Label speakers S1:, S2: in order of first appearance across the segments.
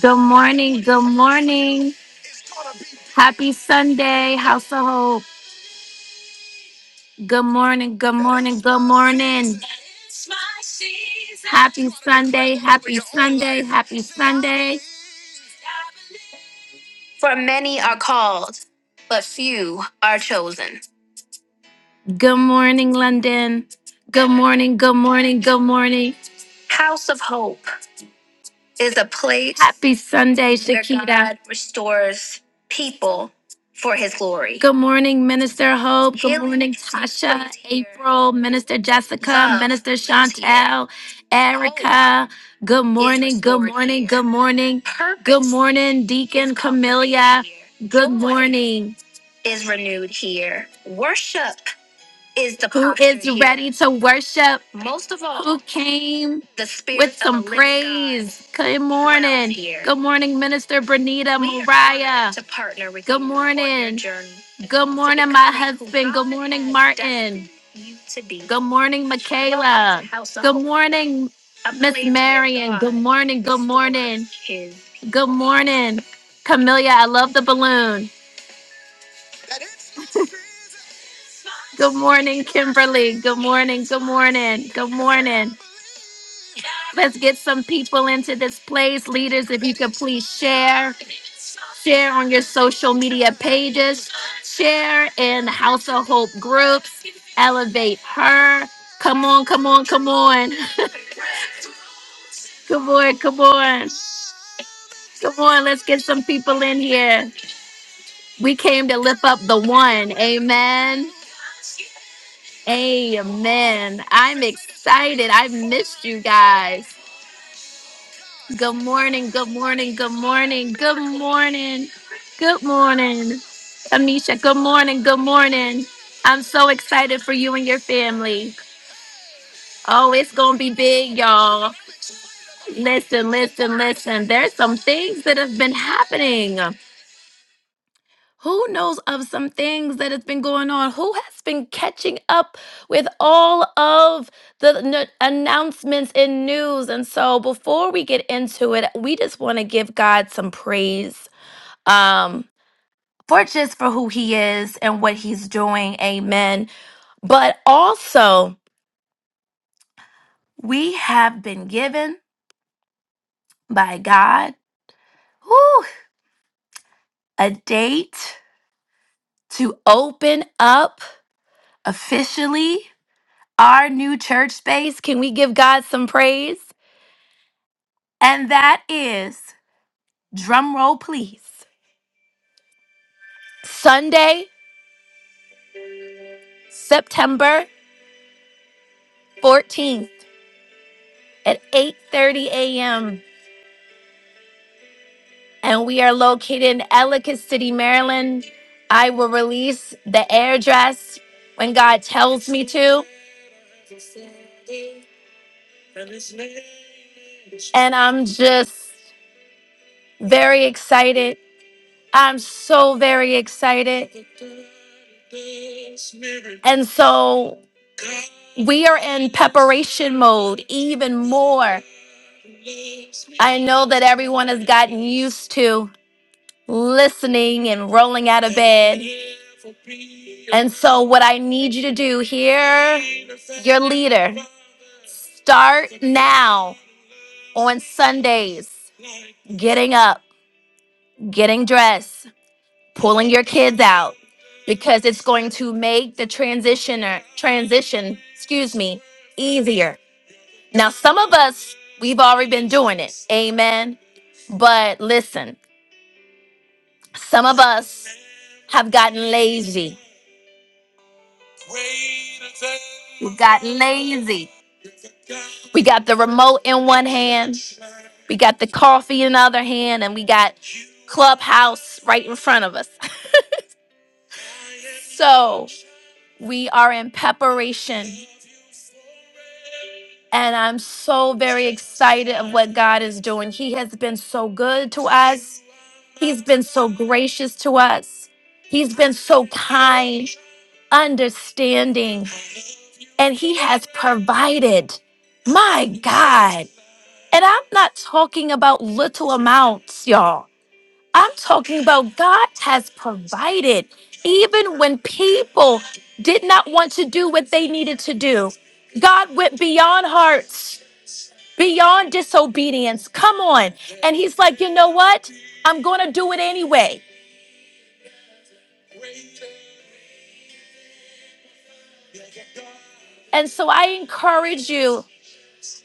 S1: Good morning. Good morning. Happy Sunday, House of Hope. Good morning. Good morning. Good morning. Happy Sunday. Happy Sunday. Happy Sunday. For many are called, but few are chosen. Good morning, London. Good morning. Good morning. Good morning. House of Hope. is a place. Happy Sunday, where Shakita. Where God restores people for His glory. Good morning, Minister Hope. Good Healing morning, is Tasha, right here. April, Minister Jessica, Love Minister is here. Chantel, Erica. Hope Good is morning, good restored morning, here. good morning, Purpose good morning, Deacon is completed Camellia. here. Good Joy morning. Is renewed here. Worship is the who posture is conversation. ready to worship. Most of all, who came the spirit with some of the living praise. God Good morning. dwells here. Good morning, Minister Bernita We are Mariah. To partner with Good you on your morning. journey Good morning, my becoming who husband. God Good morning, has Martin. destined you to be. Good morning, Michaela. Welcome Good morning, a Miss place where Marion. Good God morning. Good restores morning. his Good morning, Camilla. I love the balloon. Good morning, Kimberly. Good morning. Good morning. Good morning. Let's get some people into this place. Leaders, if you could please share, share on your social media pages, share in the House of Hope groups, elevate her. Come on, come on, come on. Come on, come on. Come on, let's get some people in here. We came to lift up the one. Amen. Amen. I'm excited. I've missed you guys. Good morning, good morning, good morning, good morning, good morning. Amisha, good morning, good morning. I'm so excited for you and your family. Oh, it's going to be big, y'all. Listen, listen, listen. There's some things that have been happening. Who knows of some things that has been going on? Who has been catching up with all of the n- announcements and news? And so, before we get into it, we just want to give God some praise um for just for who he is and what he's doing amen but also we have been given by god whew, a date to open up officially our new church space can we give god some praise and that is drum roll please sunday september 14th at 8 30 a.m and we are located in Ellicott City, Maryland. I will release the address when God tells me to, and I'm just very excited. I'm so very excited. And so we are in preparation mode even more. I know that everyone has gotten used to listening and rolling out of bed. And so, what I need you to do here, your leader, start now on Sundays, getting up, getting dressed, pulling your kids out because it's going to make the transitioner transition, excuse me, easier. Now some of us we've already been doing it. Amen. But listen, some of us have gotten lazy. We've gotten lazy. We got the remote in one hand, we got the coffee in the other hand, and we got Clubhouse right in front of us. So We are in preparation. And I'm so very excited of what God is doing. He has been so good to us. He's been so gracious to us. He's been so kind, understanding, and he has provided. My God. And I'm not talking about little amounts, y'all. I'm talking about God has provided, even when people did not want to do what they needed to do. God went beyond hearts, beyond disobedience. Come on. And He's like, you know what? I'm going to do it anyway. And so I encourage you.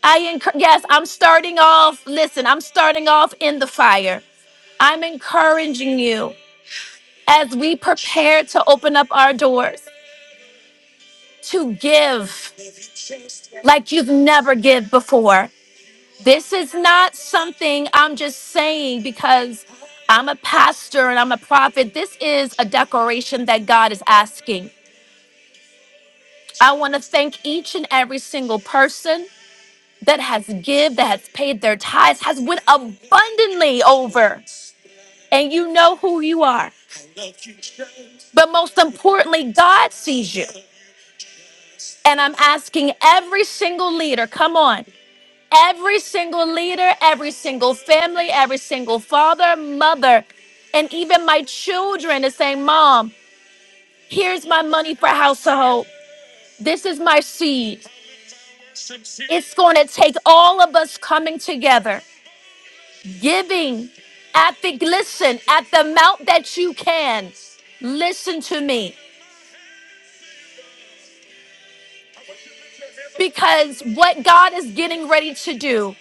S1: I encourage, yes, I'm starting off. Listen, I'm starting off in the fire. I'm encouraging you as we prepare to open up our doors to give. like you've never give before. This is not something I'm just saying because I'm a pastor and I'm a prophet. This is a declaration that God is asking. I want to thank each and every single person that has give, that has paid their tithes, has went abundantly over. And you know who you are. But most importantly, God sees you. And I'm asking every single leader, come on. Every single leader, every single family, every single father, mother, and even my children is saying, Mom, here's my money for household. This is my seed. It's going to take all of us coming together, giving at the listen at the amount that you can. Listen to me, because what God is getting ready to do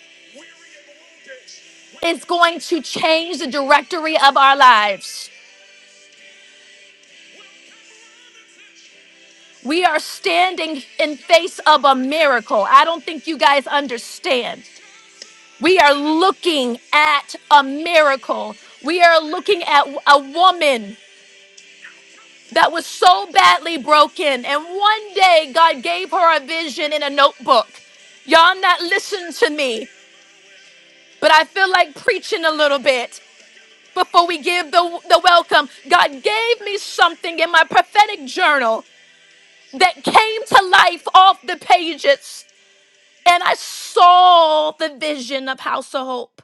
S1: is going to change the directory of our lives. We are standing in face of a miracle. I don't think you guys understand. We are looking at a miracle. We are looking at a woman that was so badly broken and one day God gave her a vision in a notebook. Y'all not listen to me, but I feel like preaching a little bit before we give the, the welcome. God gave me something in my prophetic journal that came to life off the pages. And I saw the vision of House of Hope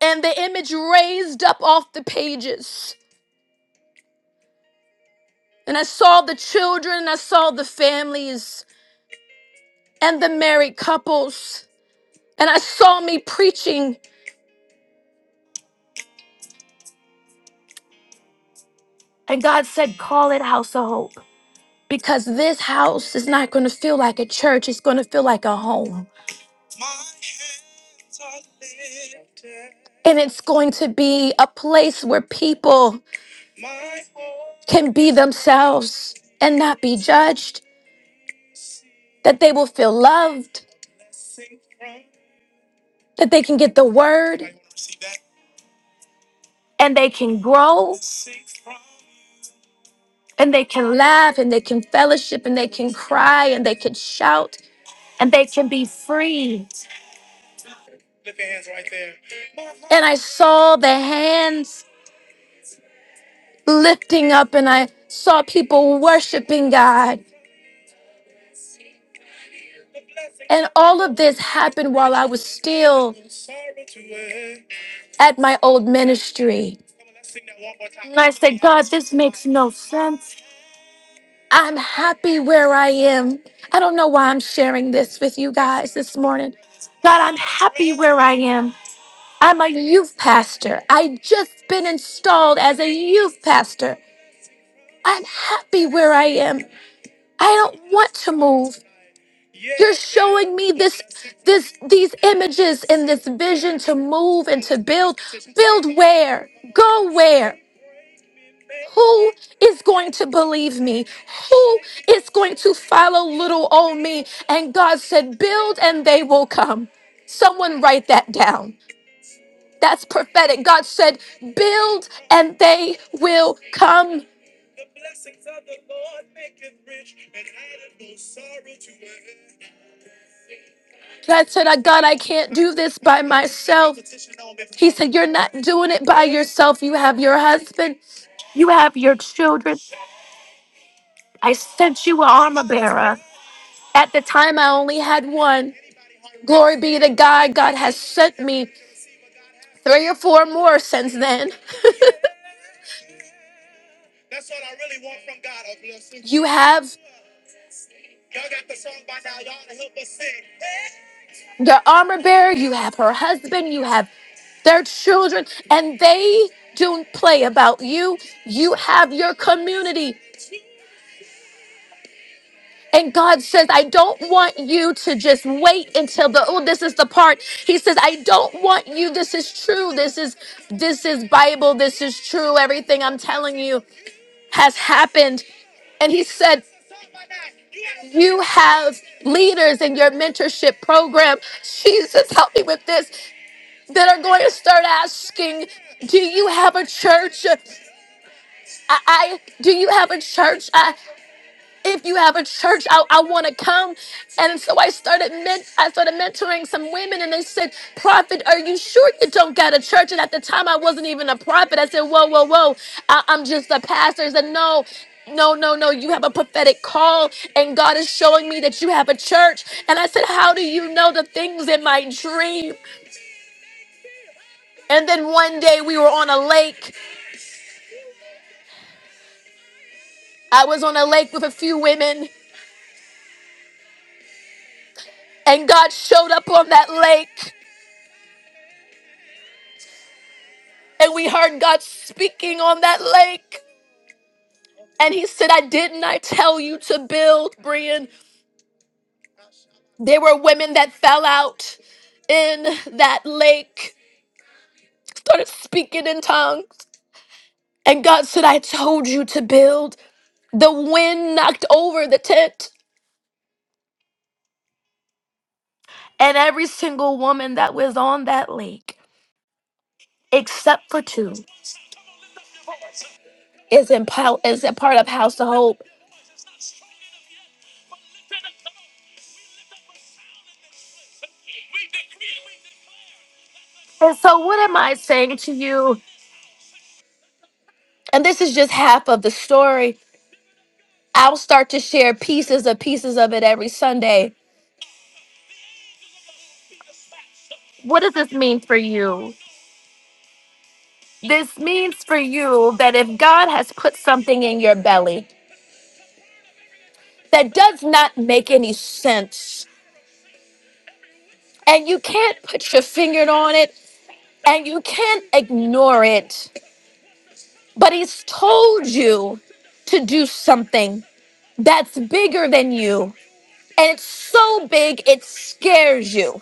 S1: and the image raised up off the pages. And I saw the children, and I saw the families and the married couples. And I saw me preaching. And God said, Call it House of Hope because this house is not going to feel like a church, it's going to feel like a home. And it's going to be a place where people can be themselves and not be judged, that they will feel loved that they can get the word and they can grow and they can laugh and they can fellowship and they can cry and they can shout and they can be free. And I saw the hands lifting up and I saw people worshiping God. And all of this happened while I was still at my old ministry. And I said, God, this makes no sense. I'm happy where I am. I don't know why I'm sharing this with you guys this morning. God, I'm happy where I am. I'm a youth pastor. I just been installed as a youth pastor. I'm happy where I am. I don't want to move. You're showing me this this these images and this vision to move and to build. Build where? Go where? Who is going to believe me? Who is going to follow little old me? And God said, Build and they will come. Someone write that down. That's prophetic. God said, Build and they will come. I said, "I- God, I can't do this by myself. He said, You're not doing it by yourself. You have your husband, you have your children. I sent you an armor bearer. At the time, I only had one. Glory be to God. God has sent me three or four more since then. That's what I really want from God. a blessing. You have your armor bearer, you have her husband, you have their children, and they don't play about you. You have your community. And God says, I don't want you to just wait until the oh, this is the part. He says, I don't want you. This is true. This is this is Bible. This is true. Everything I'm telling you. has happened. And he said, You have leaders in your mentorship program. Jesus, help me with this. That are going to start asking, Do you have a church? I, I do you have a church? I, if you have a church, I, I want to come. And so I started men- I started mentoring some women and they said, Prophet, are you sure you don't got a church? And at the time I wasn't even a prophet. I said, Whoa, whoa, whoa. I- I'm just a pastor. I said, No. No, no, no, you have a prophetic call, and God is showing me that you have a church. And I said, How do you know the things in my dream? And then one day we were on a lake. I was on a lake with a few women, and God showed up on that lake. And we heard God speaking on that lake. And he said, I didn't I tell you to build, Brian. There were women that fell out in that lake, started speaking in tongues. And God said, I told you to build. The wind knocked over the tent. And every single woman that was on that lake, except for two, is in pile is a part of House of Hope. And so what am I saying to you? And this is just half of the story. I'll start to share pieces of pieces of it every Sunday. What does this mean for you? This means for you that if God has put something in your belly that does not make any sense, and you can't put your finger on it, and you can't ignore it, but He's told you to do something that's bigger than you, and it's so big it scares you.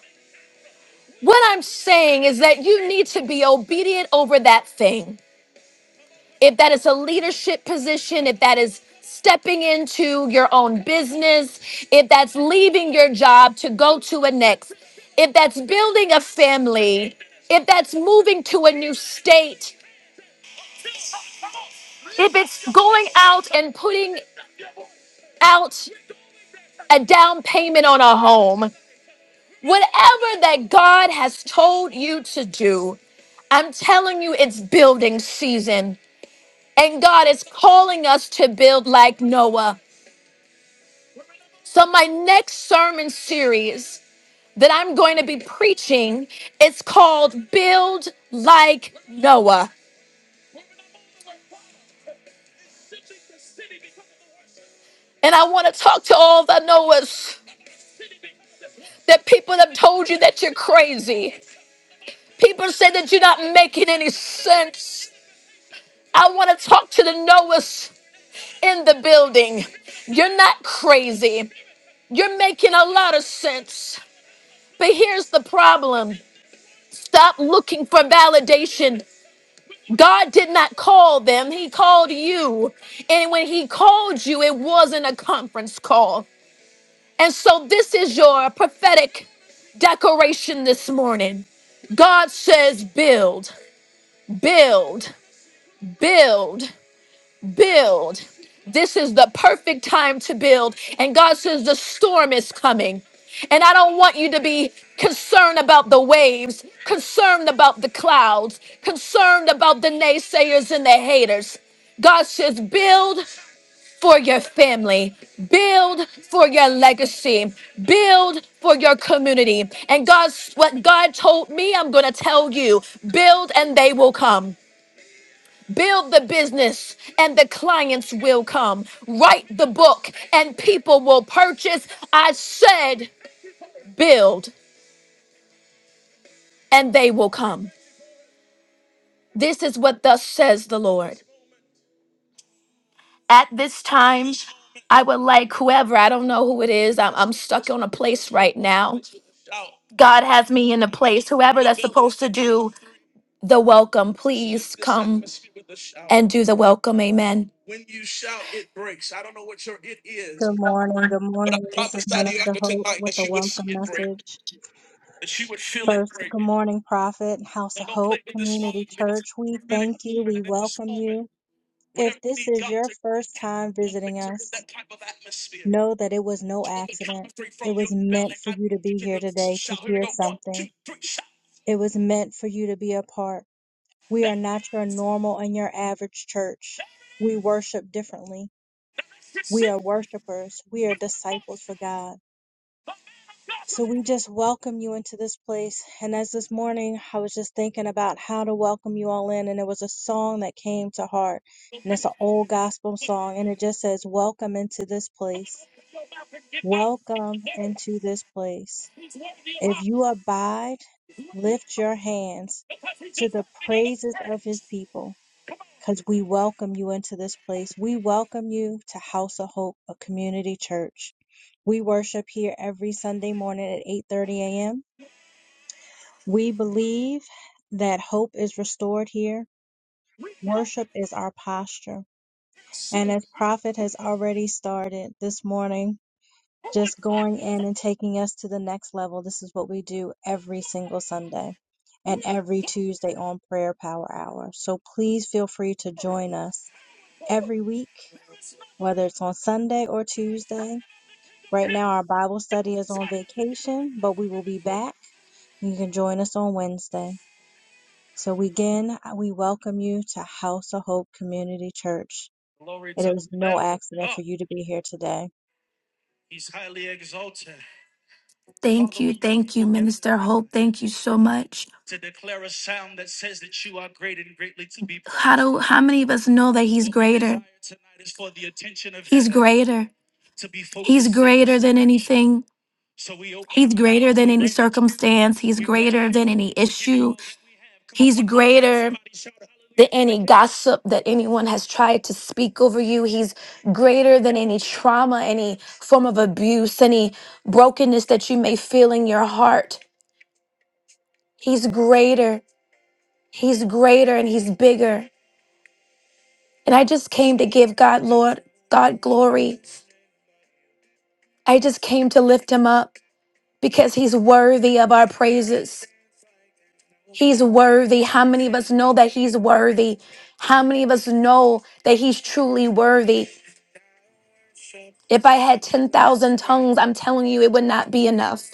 S1: What I'm saying is that you need to be obedient over that thing. if that is a leadership position, if that is stepping into your own business, if that's leaving your job to go to a next, if that's building a family, if that's moving to a new state, if it's going out and putting out a down payment on a home, whatever that God has told you to do, I'm telling you, it's building season. And God is calling us to build like Noah. So, my next sermon series that I'm going to be preaching is called Build Like Noah. And I want to talk to all the Noahs, the people that told you that you're crazy. People say that you're not making any sense. I want to talk to the Noahs in the building. You're not crazy. You're making a lot of sense. But here's the problem. Stop looking for validation God did not call them, He called you. And when He called you, it wasn't a conference call. And so, this is your prophetic decoration this morning. God says, build, build, build build. This is the perfect time to build. And God says, The storm is coming. And I don't want you to be concerned about the waves, concerned about the clouds, concerned about the naysayers and the haters. God says, Build for your family, build for your legacy, build for your community. And God's what God told me, I'm going to tell you build and they will come. Build the business and the clients will come. Write the book and people will purchase. I said, build and they will come. This is what thus says the Lord. At this time, I would like whoever, I don't know who it is, I'm, I'm stuck on a place right now. God has me in a place. Whoever that's supposed to do the welcome, please come and do the welcome. Amen.
S2: Good morning. Good morning. This is Men of the Hope with a welcome message. First, good morning, Prophet, House of Hope Community Church. We thank you. We welcome you. If this is your first time visiting us, know that it was no accident. It was meant for you to be here today to hear something. It was meant for you to be a part. We are not your normal and your average church. We worship differently. We are worshipers. We are disciples for God. So we just welcome you into this place. And as this morning, I was just thinking about how to welcome you all in, and it was a song that came to heart. And it's an old gospel song, and it just says, Welcome into this place. Welcome into this place. If you abide, lift your hands to the praises of his people, because we welcome you into this place. We welcome you to House of Hope, a community church. We worship here every Sunday morning at 8:30 a.m we believe that hope is restored here. Worship is our posture. And as Prophet has already started this morning, just going in and taking us to the next level, this is what we do every single Sunday and every Tuesday on Prayer Power Hour. So please feel free to join us every week, whether it's on Sunday or Tuesday. Right now, our Bible study is on vacation, but we will be back. You can join us on Wednesday. So again, uh, we welcome you to House of Hope Community Church. It is no accident for you to be here today.
S1: Thank you. Thank you, Minister Hope. Thank you so much. How do how many of us know that he's What we greater? desire He's greater. He's greater than anything. He's up greater than mouths, than any thank you. circumstance. He's We worship greater you. than any give you issue. all. that. Come on, He's one more time, greater. somebody shout than any gossip that anyone has tried to speak over you. He's greater than any trauma, any form of abuse, any brokenness that you may feel in your heart. He's greater. He's greater and he's bigger. And I just came to give God, Lord, God glory. I just came to lift him up because he's worthy of our praises. He's worthy. How many of us know that he's worthy? How many of us know that he's truly worthy? If I had 10,000 tongues, I'm telling you, it would not be enough.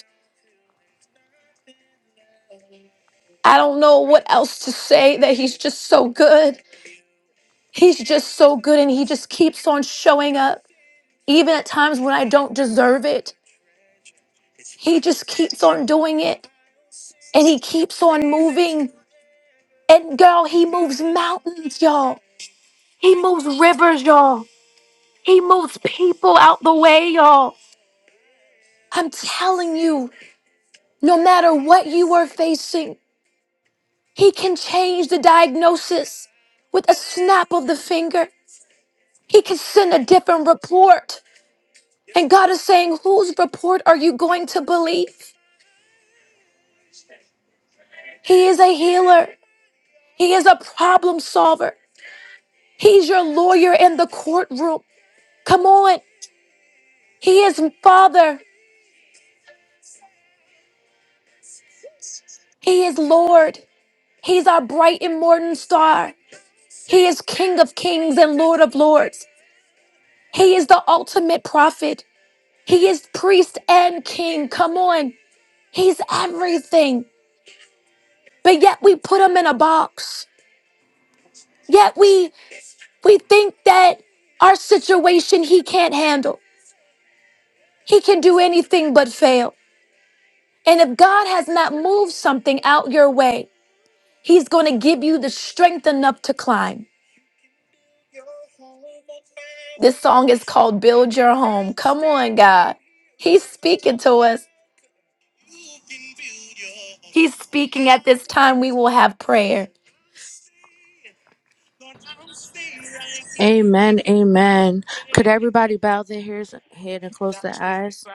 S1: I don't know what else to say that he's just so good. He's just so good and he just keeps on showing up, even at times when I don't deserve it. He just keeps on doing it and he keeps on moving. And girl, he moves mountains, y'all. He moves rivers, y'all. He moves people out the way, y'all. I'm telling you, no matter what you are facing, He can change the diagnosis with a snap of the finger. He can send a different report. And God is saying, Whose report are you going to believe? He is a healer, He is a problem solver. He's your lawyer in the courtroom. Come on. He is Father, He is Lord. He's our bright and morning star. He is King of kings and Lord of lords. He is the ultimate prophet. He is priest and king. Come on. He's everything. But yet we put him in a box. Yet we we think that our situation he can't handle. He can do anything but fail. And if God has not moved something out your way, he's going to give you the strength enough to climb. This song is called Build Your Home. Come on, God. He's speaking to us. He's speaking at this time we will have prayer.
S3: Amen, amen. Could everybody bow their ears, head and close their eyes?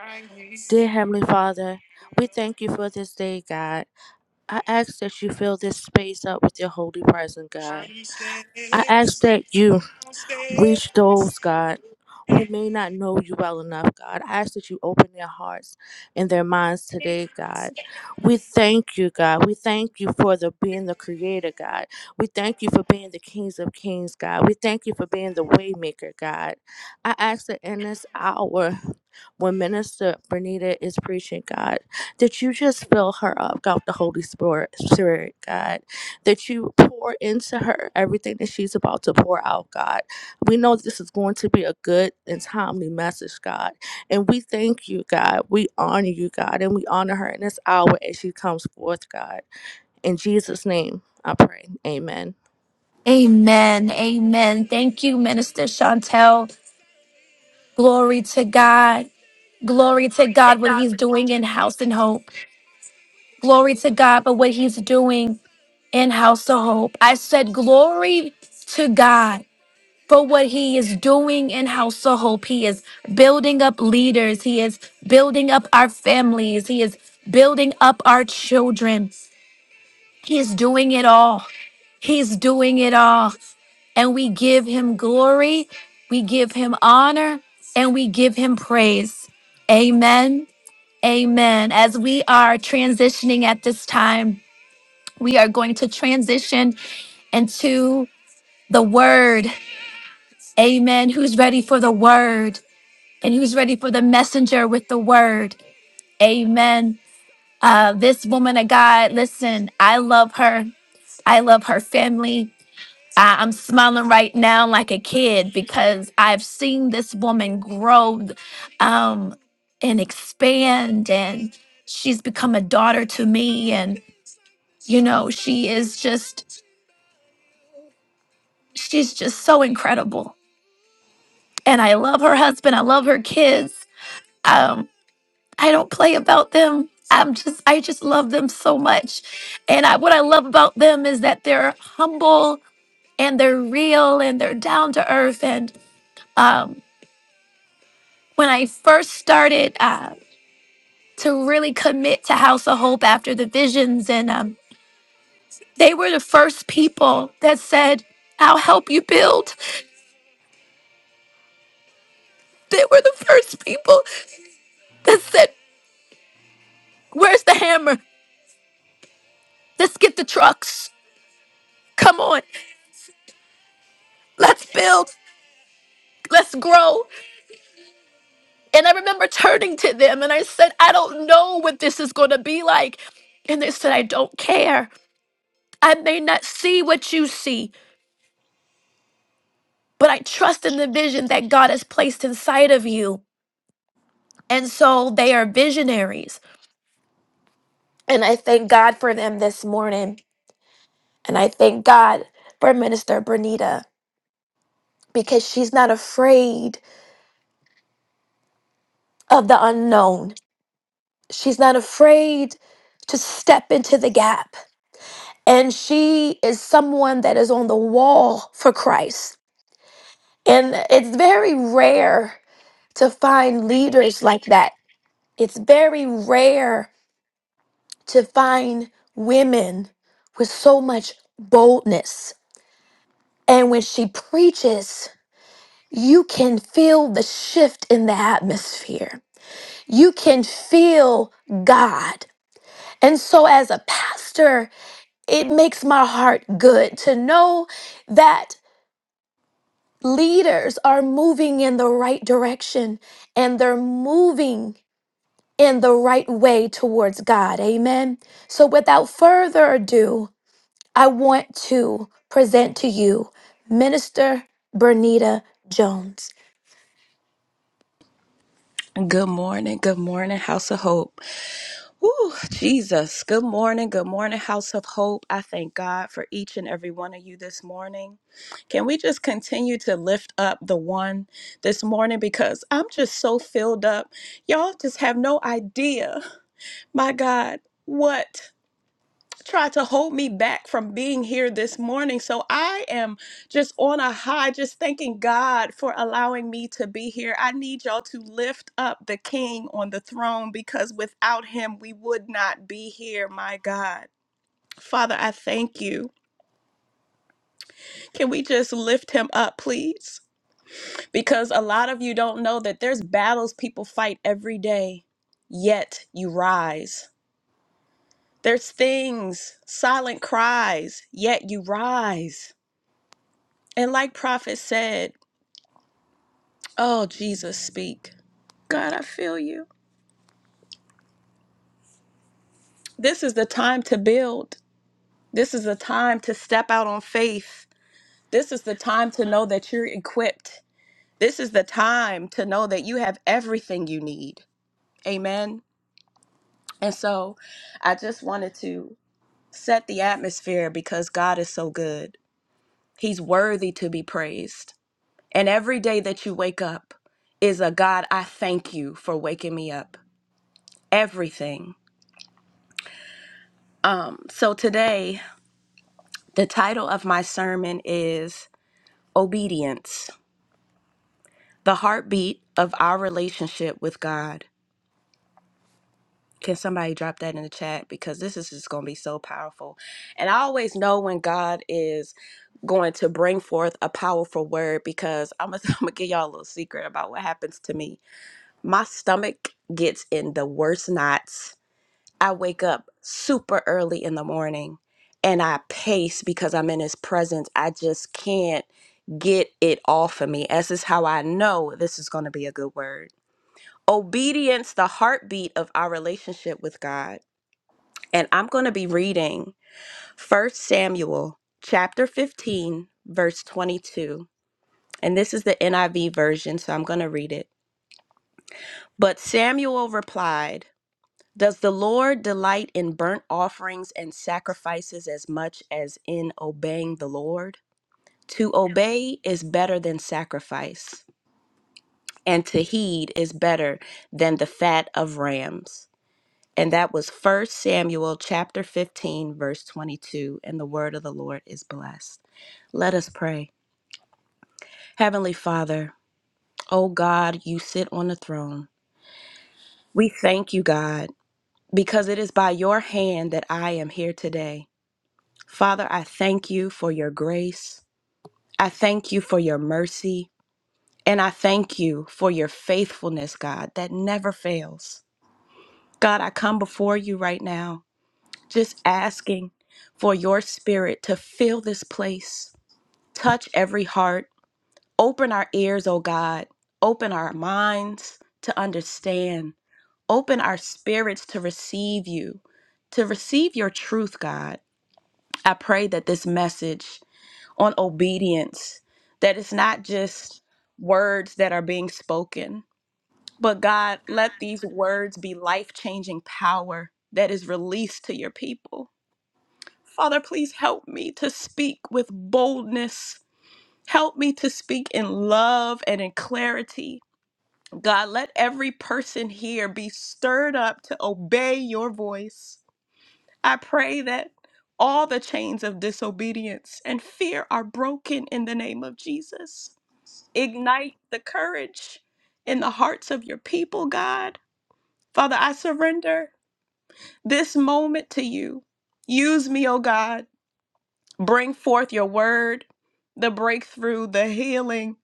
S3: Dear Heavenly Father, we thank you for this day, God. I ask that you fill this space up with your holy presence, God. I ask that you Reach those, God, who may not know you well enough, God. I ask that you open their hearts and their minds today, God. We thank you, God. We thank you for the being the creator, God. We thank you for being the kings of kings, God. We thank you for being the waymaker, God. I ask that in this hour when Minister Bernita is preaching, God, that you just fill her up, God, with the Holy Spirit, Spirit, God. That you pour into her everything that she's about to pour out, God we know this is going to be a good and timely message, God. And we thank you, God. We honor you, God. And we honor her in this hour as she comes forth, God. In Jesus' name, I pray. Amen.
S1: Amen. Amen. Thank you, Minister Chantel. Glory to God. Glory to
S4: Glory to
S1: God, what
S4: God
S1: he's
S4: when He's
S1: doing
S4: doing
S1: in House and Hope. Glory to God, but what he's doing in House of Hope. I said, Glory to God for what He is doing in House of Hope. He is building up leaders, He is building up our families, He is building up our children. He is doing it all. He's doing it all. And we give him glory, we give him honor, and we give him praise. Amen. Amen. As we are transitioning at this time, we are going to transition into the word. Amen. Who's ready for the word? And who's ready for the messenger with the word? Amen. Uh, this woman of God, listen, I love her. I love her family. I- I'm smiling right now like a kid because I've seen this woman grow um, and expand, and she's become a daughter to me. And, you know, she is just, she's just so incredible. And I love her husband. I love her kids. Um, I don't play about them. I'm just, I just love them so much. And I, what I love about them is that they're humble and they're real and they're down to earth. And, um. when I first started uh, to really commit to House of Hope after the visions, and um, they were the first people that said, I'll help you build. They were the first people that said, Where's the hammer? Let's get the trucks. Come on, let's build. Let's grow. And I remember turning to them and I said, I don't know what this is going to be like. And they said, I don't care. I may not see what you see, but I trust in the vision that God has placed inside of you. And so they are visionaries. And I thank God for them this morning. And I thank God for Minister Bernita because she's not afraid of the unknown. She's not afraid to step into the gap. And she is someone that is on the wall for Christ. And it's very rare to find
S4: it later.
S1: leaders like that. It's very rare to find women with so much boldness And when she preaches, you can feel the shift in the atmosphere. You can feel God. And so, as a pastor, it makes my heart good to know that leaders are moving in the right direction and they're moving in the right way towards God. Amen. So, without further ado, I want to present to you Minister Bernita Jones.
S5: Good morning, good morning, House of Hope. Woo, Jesus. Good morning, good morning, House of Hope. I thank God for each and every one of you this morning. Can we just continue to lift up the one this morning because I'm just so filled up. Y'all just have no idea, my God, what tried to hold me back from being here this morning. So I am just on a high, just thanking God for allowing me to be here. I need y'all to lift up the King on the throne because without him, we would not be here, my God. Father, I thank you. Can we just lift him up, please? Because a lot of you don't know that there's battles people fight every day, yet you rise. There's things, silent cries, yet you rise. And like Prophet said, oh, Jesus, speak. God, I feel you. This is the time to build. This is the time to step out on faith. This is the time to know that you're equipped. This is the time to know that you have everything you need. Amen. And so I just wanted to set the atmosphere because God is so good. He's worthy to be praised. And every day that you wake up is a God, I thank you for waking me up. Everything. Um, so today, the title of my sermon is Obedience, the heartbeat of our relationship with God. Can somebody drop that in the chat? Because this is just going to be so powerful. And I always know when God is going to bring forth a powerful word because I'm going to give y'all a little secret about what happens to me. My stomach gets in the worst knots. I wake up super early in the morning and I pace because I'm in his presence. I just can't. get it off of me, as is how I know this is going to be a good word. Obedience, the heartbeat of our relationship with God. And I'm going to be reading First Samuel chapter 15, verse 22. And this is the NIV version, so I'm going to read it. But Samuel replied, Does the Lord delight in burnt offerings and sacrifices as much as in obeying the Lord? To obey is better than sacrifice and to heed is better than the fat of rams. And that was First Samuel chapter 15 verse 22 and the word of the Lord is blessed. Let us pray. Heavenly Father, O God, you sit on the throne. We thank you, God, because it is by your hand that I am here today. Father, I thank you for your grace. I thank you for your mercy. And I thank you for your faithfulness, God, that never fails. God, I come before you right now, just asking for your spirit to fill this place, touch every heart, open our ears, oh God, open our minds to understand, open our spirits to receive you, to receive your truth, God. I pray that this message on obedience, that it's not just words that are being spoken, but God, let these words be life changing power that is released to your people. Father, please help me to speak with boldness. Help me to speak in love and in clarity. God, let every person here be stirred up to obey your voice. I pray that all the chains of disobedience and fear are broken in the name of Jesus. Ignite the courage in the hearts of your people, God Father, I surrender this moment to you. Use me, O God. Bring forth your word, the breakthrough, the healing.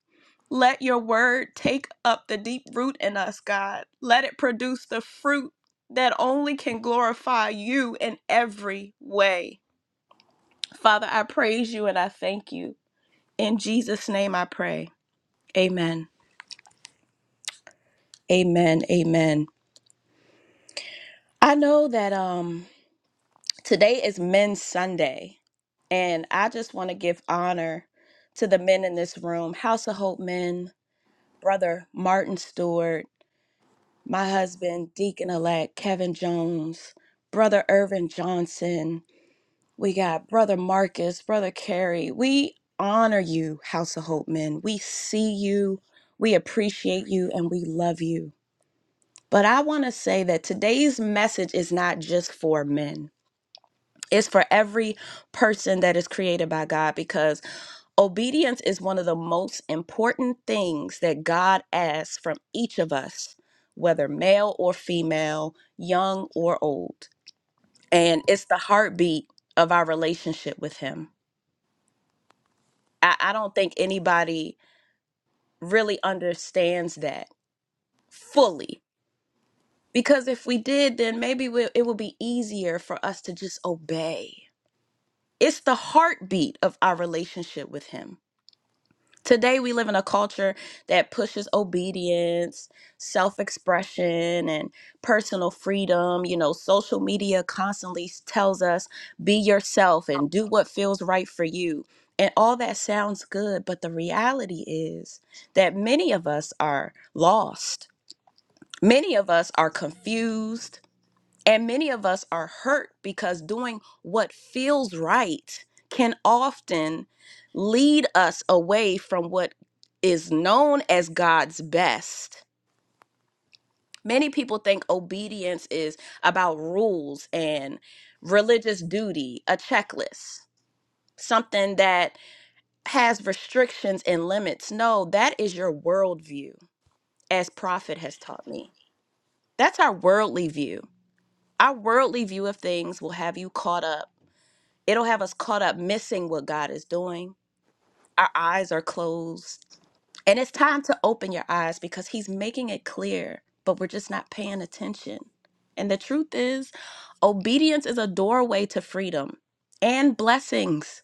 S5: Let your word take up the deep root in us, God. Let it produce the fruit that only can glorify you in every way. Father, I praise you and I thank you. In Jesus' name I pray. Amen. Amen. Amen. I know that um Today is Men's Sunday, and I just want to give honor to the men in this room House of Hope men, Brother Martin Stewart, my husband, Deacon elect Kevin Jones, Brother Irvin Johnson. We got Brother Marcus, Brother Carey. We honor you, House of Hope men. We see you, we appreciate you, and we love you. But I want to say that today's message is not just for men. It's for every person that is created by God because obedience is one of the most important things that God asks from each of us, whether male or female, young or old. And it's the heartbeat of our relationship with Him. I, I don't think anybody really understands that fully because if we did, then maybe we, it would be easier for us to just obey. It's the heartbeat of our relationship with Him Today, we live in a culture that pushes obedience, self expression, and personal freedom. You know, social media constantly s- tells us be yourself
S4: Oh,
S5: and do what feels right for you. And all that sounds good, but the reality is that many of us are lost. Many of us are confused and many of us are hurt because doing what feels right can often lead us away from what is known as God's best. Many people think obedience is about rules and religious duty, a checklist, something that has restrictions and limits. No, that is your worldview, as Prophet has taught me. That's our worldly view. Our worldly view of things will have you caught up It'll have us caught up missing what God is doing. Our eyes are closed. And it's time to open your eyes because He's making it clear, but we're just not paying attention. And the truth is, obedience is a doorway to freedom and blessings.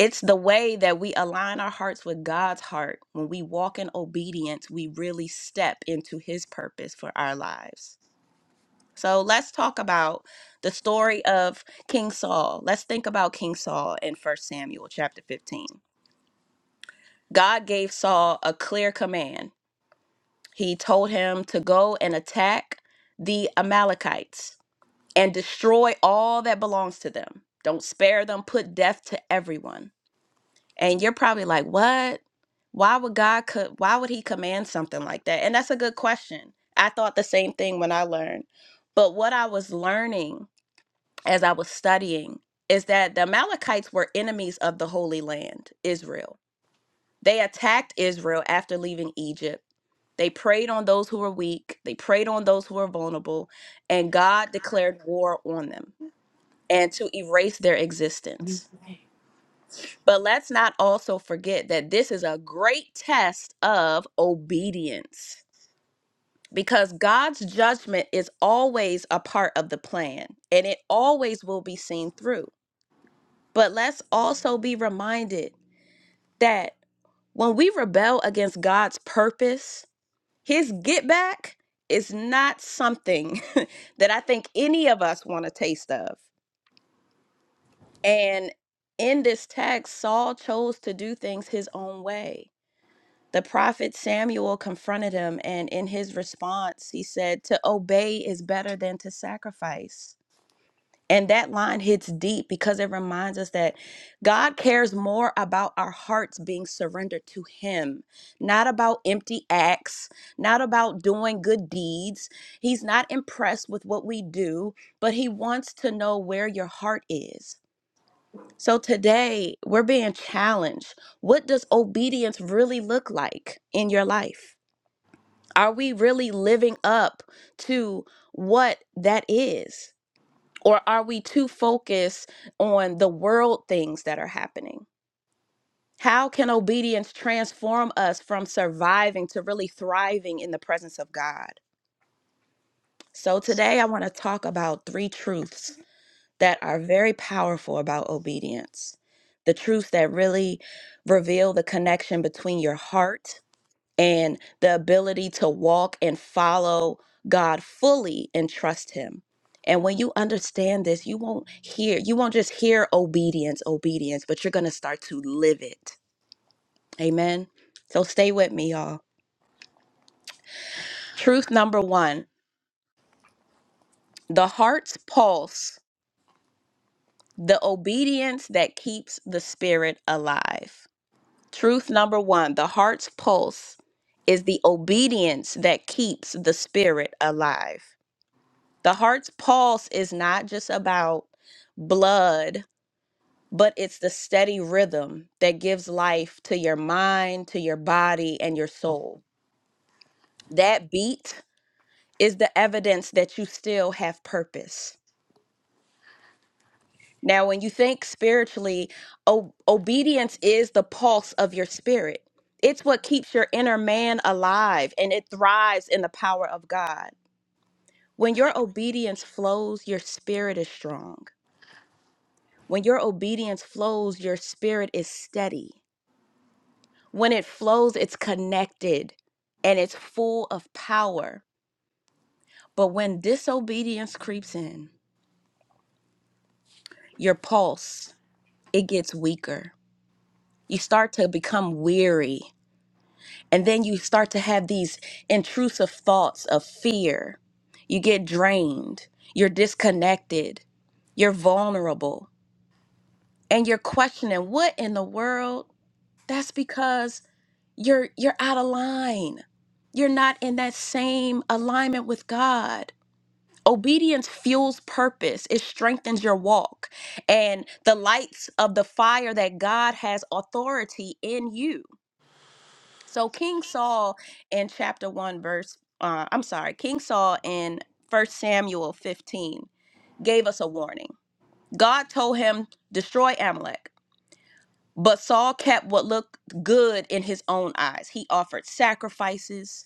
S5: It's the way that we align our hearts with God's heart. When we walk in obedience, we really step into His purpose for our lives. So let's talk about the story of King Saul. Let's think about King Saul in First Samuel chapter 15. God gave Saul a clear command. He told him to go and attack the Amalekites and destroy all that belongs to them. Don't spare them, put death to everyone. And you're probably like, "What? Why would God co- why would he command something like that?" And that's a good question. I thought the same thing when I learned. But what I was learning as I was studying is that the Amalekites were enemies of the Holy Land, Israel. They attacked Israel after leaving Egypt. They preyed on those who were weak, they preyed on those who were vulnerable, and God
S4: God.
S5: declared war on them and to erase their existence.
S4: Okay.
S5: But let's not also forget that this is a great test of obedience because God's judgment is always a part of the plan and it always will be seen through. But let's also be reminded that when we rebel against God's purpose, his get back is not something that I think any of us want to taste of. And in this text, Saul chose to do things his own way. The prophet Samuel confronted him, and in his response, he said, To obey is better than to sacrifice. And that line hits deep because it reminds us that God cares more about our hearts being surrendered to Him, not about empty acts, not about doing good deeds. He's not impressed with what we do, but He wants to know where your heart is. So today, we're being challenged. What does obedience really look like in your life? Are we really living up to what that is? Or are we too focused on the world things that are happening? How can obedience transform us from surviving to really thriving in the presence of God? So, today I want to talk about three truths that are very powerful about obedience. The truths that really reveal the connection between your heart and the ability to walk and follow God fully and trust Him. And when you understand this, you won't hear, you won't just hear obedience, obedience, but you're going to start to live it. Amen. So stay with me, y'all. Truth number one the heart's pulse, the obedience that keeps the spirit alive. Truth number one the heart's pulse is the obedience that keeps the spirit alive. The heart's pulse is not just about blood, but it's the steady rhythm that gives life to your mind, to your body, and your soul. That beat is the evidence that you still have purpose. Now, when you think spiritually, o- obedience is the pulse of your spirit. It's what keeps your inner man alive and it thrives in the power of God. When
S4: But
S5: your
S4: you're
S5: obedience
S4: obedient.
S5: flows, your spirit is strong. When your obedience flows, your spirit is steady. When it flows, it's connected and it's full of power. But when disobedience creeps in, your pulse, it gets weaker. You start to become weary, and then you start to have these intrusive thoughts of fear. You get drained, you're disconnected, you're vulnerable, and you're questioning what in the world? That's because you're you're out of line. You're not in that same alignment with God. Obedience fuels purpose. It strengthens your walk and the lights of the fire that God has authority in you. So
S4: So
S5: King
S4: being so
S5: Saul in chapter 1 verse uh, I'm sorry, King Saul in First Samuel 15 gave us a warning. God told him destroy Amalek, but Saul kept what looked good in his own eyes. He offered sacrifices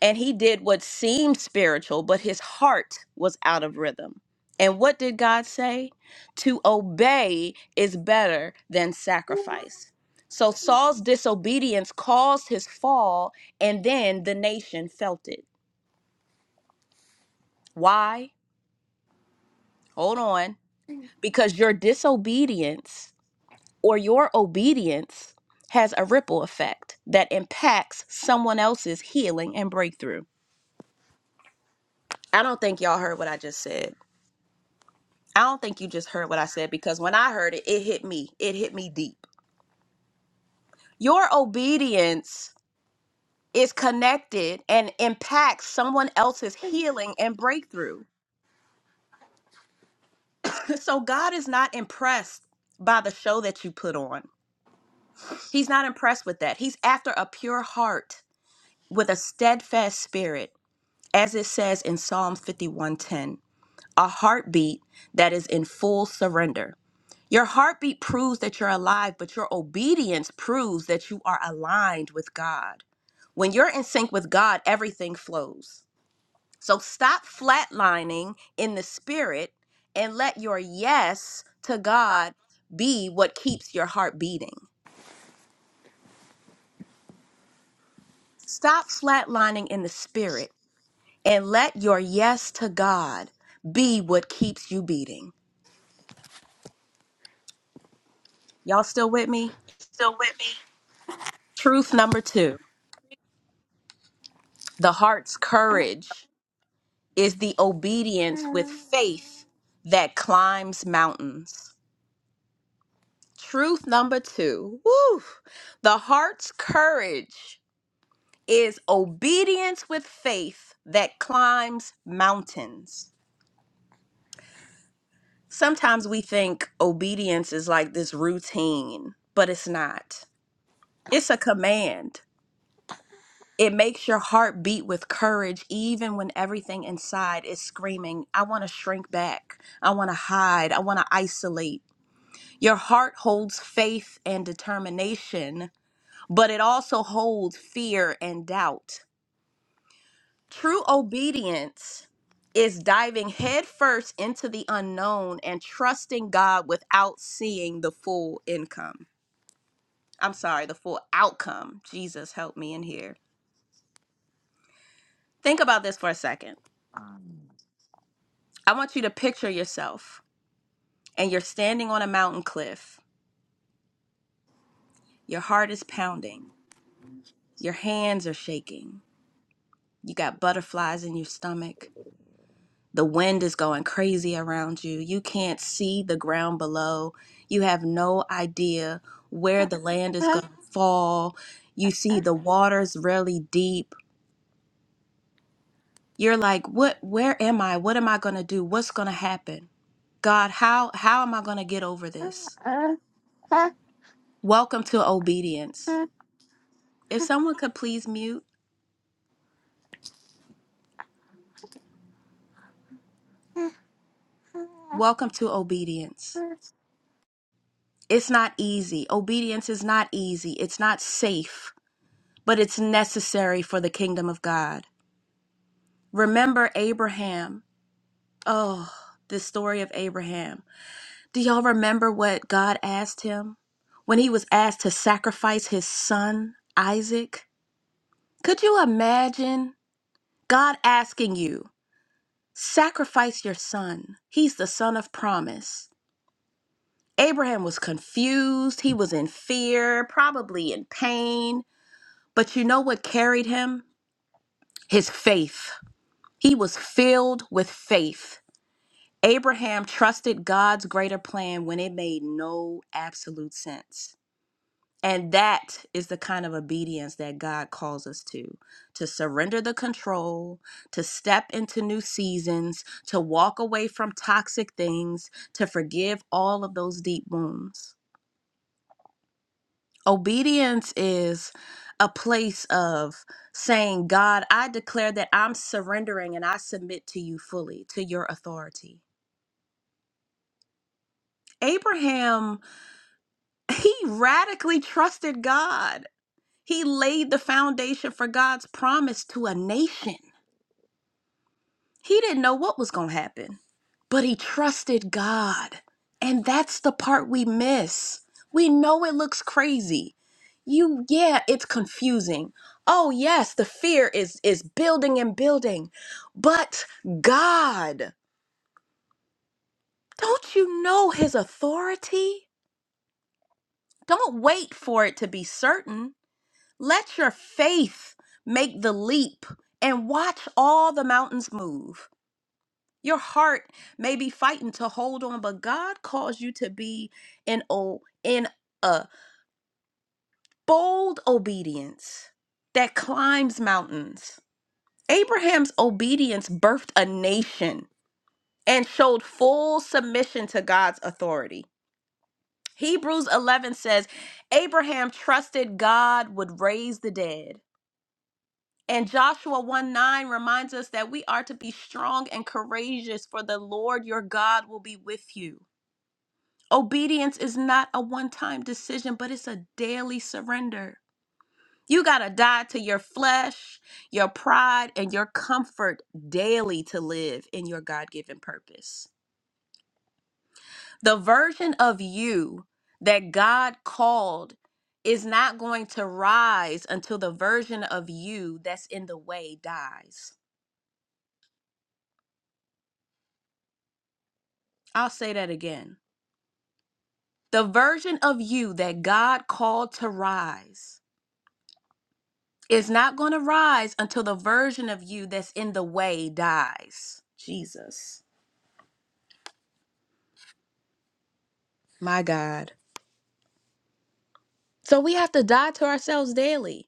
S5: and he did what seemed spiritual, but his heart was out of rhythm. And what did God say? To obey is better than sacrifice. So Saul's disobedience caused his fall, and then the nation felt it. Why? Hold on. Because your disobedience or your obedience has a ripple effect that impacts someone else's healing and breakthrough. I don't think y'all heard what I just said I don't think you just heard what I said because when I heard it, it hit me. It hit me deep. Your obedience is connected and impacts someone else's healing and breakthrough. So God is not impressed by the show that you put on. He's not impressed with that. He's after a pure heart with a steadfast spirit, as it says in Psalm 51:10, a heartbeat that is in full surrender. Your heartbeat proves that you're alive, but your obedience proves that you are aligned with God. When you're in sync with God, everything flows. So stop flatlining in the spirit and let your yes to
S4: to God,
S5: God be what keeps your heart beating. Stop flatlining in the spirit and let your yes to God be what keeps you beating. Y'all still with me?
S4: still with me.
S5: Truth number two the heart's courage. is the obedience with
S4: Um.
S5: faith that climbs mountains. Truth number two, woo, the heart's courage is obedience with faith that climbs mountains. Sometimes we think obedience is like this routine, but it's not. It's a command. It makes your heart beat with courage, even when everything inside is screaming, I want to shrink back. I want to hide. I want to isolate. Your heart holds faith and determination, but it also holds fear and doubt. True obedience is diving headfirst into the unknown and trusting God without seeing the full income. I'm sorry, the full outcome. Jesus, help me in here. Think about this for a second. I want you to picture yourself and you're standing on a mountain cliff. Your heart is pounding, your hands are shaking, you got butterflies in your stomach The wind is going crazy around you. You can't see the ground below. You have no idea where the land is going to fall. You see the waters really deep. You're like, "What where am I? What am I going to do? What's going to happen? God, how how am I going to get over this?" Welcome to obedience. If someone could please mute, welcome to obedience. It's not easy. Obedience is not easy. It's not safe, but it's necessary for the kingdom of God. Remember Abraham. Oh, the story of Abraham. Do y'all remember what God asked him when he was asked to sacrifice his son, Isaac? Could you imagine God asking you, sacrifice your son? He's the son of promise. Abraham was confused. He was in fear, probably in pain. But you know what carried him? His faith. He was filled with faith. Abraham trusted God's greater plan when it made no absolute sense. And that is the kind of obedience that God calls us to to surrender the control, to step into new seasons, to walk away from toxic things, to forgive all of those deep wounds. Obedience is a place of saying, God, I declare that I'm surrendering and I submit to you fully, to your authority. Abraham He radically trusted God. He laid the foundation for God's promise to a nation. He didn't know what was going to happen, but he trusted God. And that's the part we miss. We know it looks crazy. You yeah, it's confusing. Oh yes, the fear is is building and building. But God, don't you know his authority? Don't wait for it to be certain. Let your faith make the leap and watch all the mountains move. Your heart may be fighting to hold on, but God calls you to be in o in a bold obedience that climbs mountains. Abraham's obedience birthed a nation and showed full submission to God's authority. Hebrews 11 says, Abraham trusted God would raise the dead And Joshua 1 9 reminds us that we are to be strong and courageous, for the Lord your God will be with you. Obedience is not a one time decision, but it's a daily surrender. You got to die to your flesh, your pride, and your comfort daily to live in your God given purpose. The version of you that God called is not going to rise until the version of you that's in the way dies. I'll say that again. The version of you that God called to rise is not going to rise until the version of you that's in the way dies. Jesus, my God. So we have to die to ourselves daily.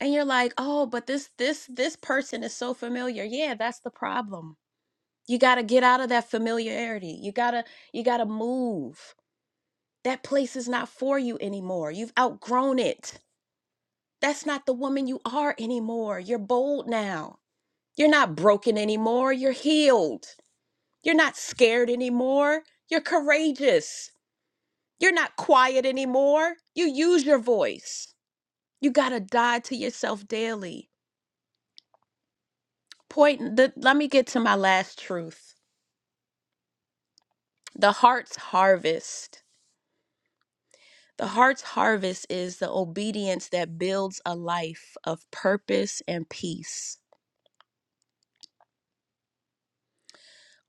S5: And you're like, "Oh, but this this this person is so familiar." Yeah, that's the problem. You got to get out of that familiarity. You got to you got to move. That place is not for you anymore. You've outgrown it. That's not the woman you are anymore. You're bold now. You're not broken anymore. You're healed. You're not scared anymore. You're courageous. You're not quiet anymore. You use your voice. You got to die to yourself daily. Point the, let me get to my last truth. The heart's harvest. The heart's harvest is the obedience that builds a life of purpose and peace.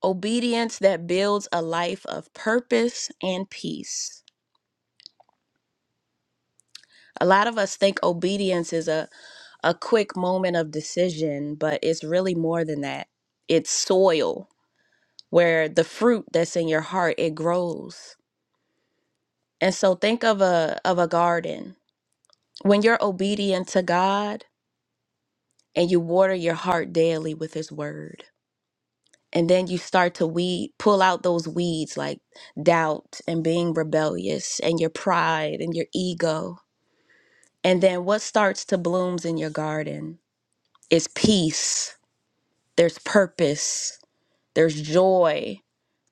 S5: Obedience that builds a life of purpose and peace. A lot of us think obedience is a a quick moment of decision, but it's really more than that. It's soil where the fruit that's in your heart it grows. And so think of a of a garden. When you're obedient to God and you water your heart daily with his word, and then you start to weed pull out those weeds like doubt and being rebellious and your pride and your ego. And then what starts to blooms in your garden is peace. There's purpose There's joy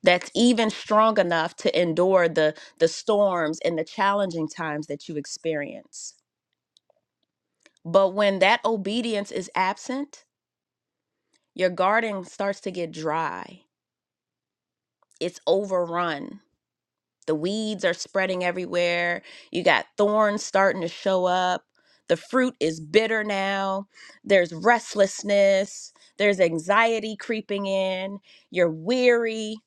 S5: that's even strong enough to endure the, the storms and the challenging times that you experience. But when that obedience is absent, your garden starts to get dry, it's overrun. The weeds are spreading everywhere. You got thorns starting to show up. The fruit is bitter now. There's restlessness. There's anxiety creeping in. You're weary.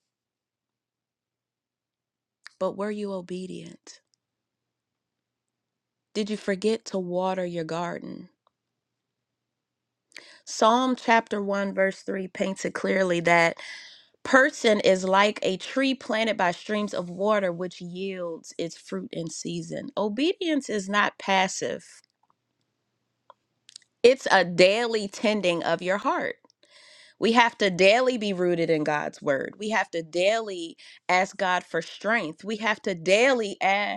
S5: But were you obedient? Did you forget to water your garden? Psalm chapter 1, verse 3 paints it clearly that person is like a tree planted by streams of water, which yields its fruit in season. Obedience is not passive, it's a daily tending of your heart. We have to daily be rooted in God's word. We have to daily ask God for strength. We have to daily ask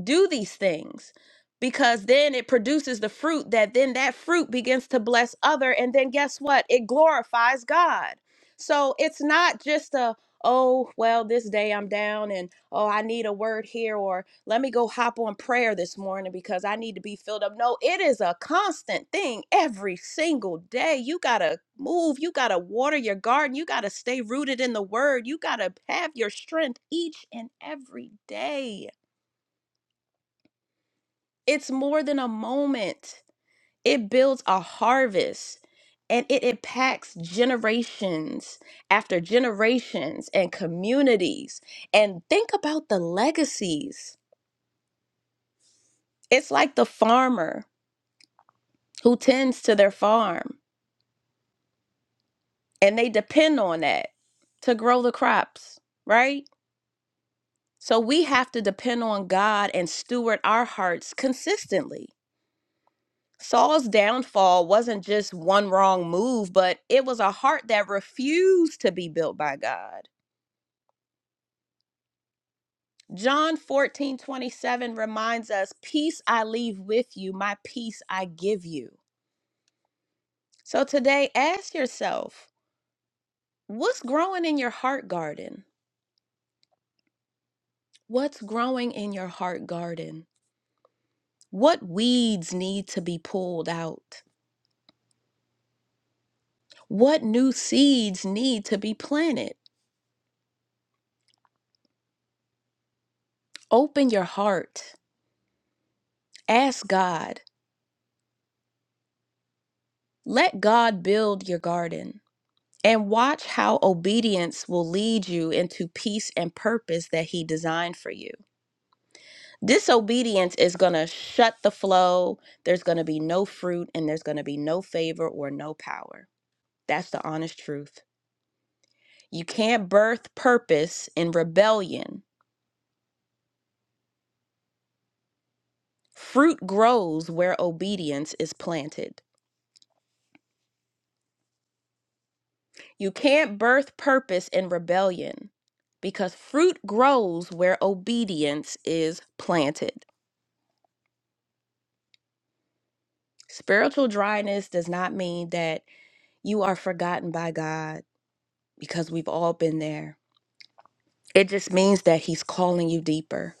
S5: do these things because then it produces the fruit that then that fruit begins to bless other and then guess what it glorifies god so it's not just a oh well this day i'm down and oh i need a word here or let me go hop on prayer this morning because i need to be filled up no it is a constant thing every single day you gotta move you gotta water your garden you gotta stay rooted in the word you gotta have your strength each and every day it's more than a moment. It builds a harvest and it impacts generations after generations and communities. And think about the legacies. It's like the farmer who tends to their farm and they depend on that to grow the crops, right? So we have to depend on God and steward our hearts consistently. Saul's downfall wasn't just one wrong move, but it was a heart that refused to be built by God. John 14 27 reminds us, Peace I leave with you, my peace I give you. So today, ask yourself, what's growing in your heart garden? What's growing in your heart garden? What weeds need to be pulled out? What new seeds need to be planted? Open your heart. Ask God. Let God build your garden and watch how obedience will lead you into peace and purpose that He designed for you. Disobedience is going to shut the flow. There's going to be no fruit and there's going to be no favor or no power. That's the honest truth. You can't birth purpose in rebellion. Fruit grows where obedience is planted. You can't birth purpose in rebellion because fruit grows where obedience is planted. Spiritual dryness does not mean that you are forgotten by God because we've all been there. It just means that He's calling you deeper.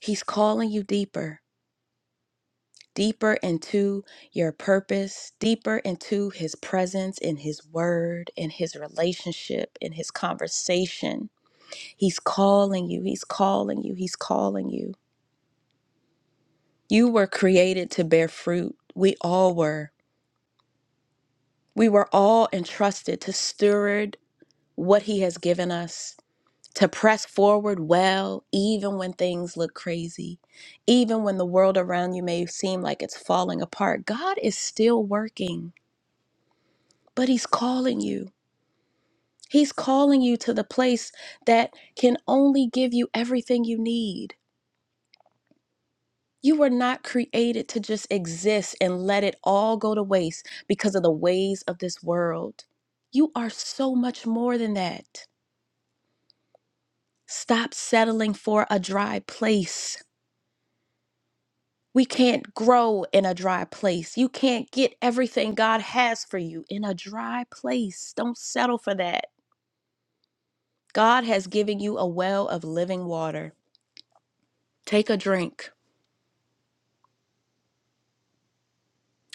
S5: He's calling you deeper, deeper into your purpose, deeper into His presence, in His word, in His relationship, in His conversation. He's calling you. He's calling you. He's calling you. You were created to bear fruit. We all were. We were all entrusted to steward what He has given us, to press forward well, even when things look crazy, even when the world around you may seem like it's falling apart. God is still working, but He's calling you. He's calling you to the place that can only give you everything you need. You were not created to just exist and let it all go to waste because of the ways of this world. You are so much more than that. Stop settling for a dry place. We can't grow in a dry place. You can't get everything God has for you in a dry place. Don't settle for that. God has given you a well of living water. Take a drink.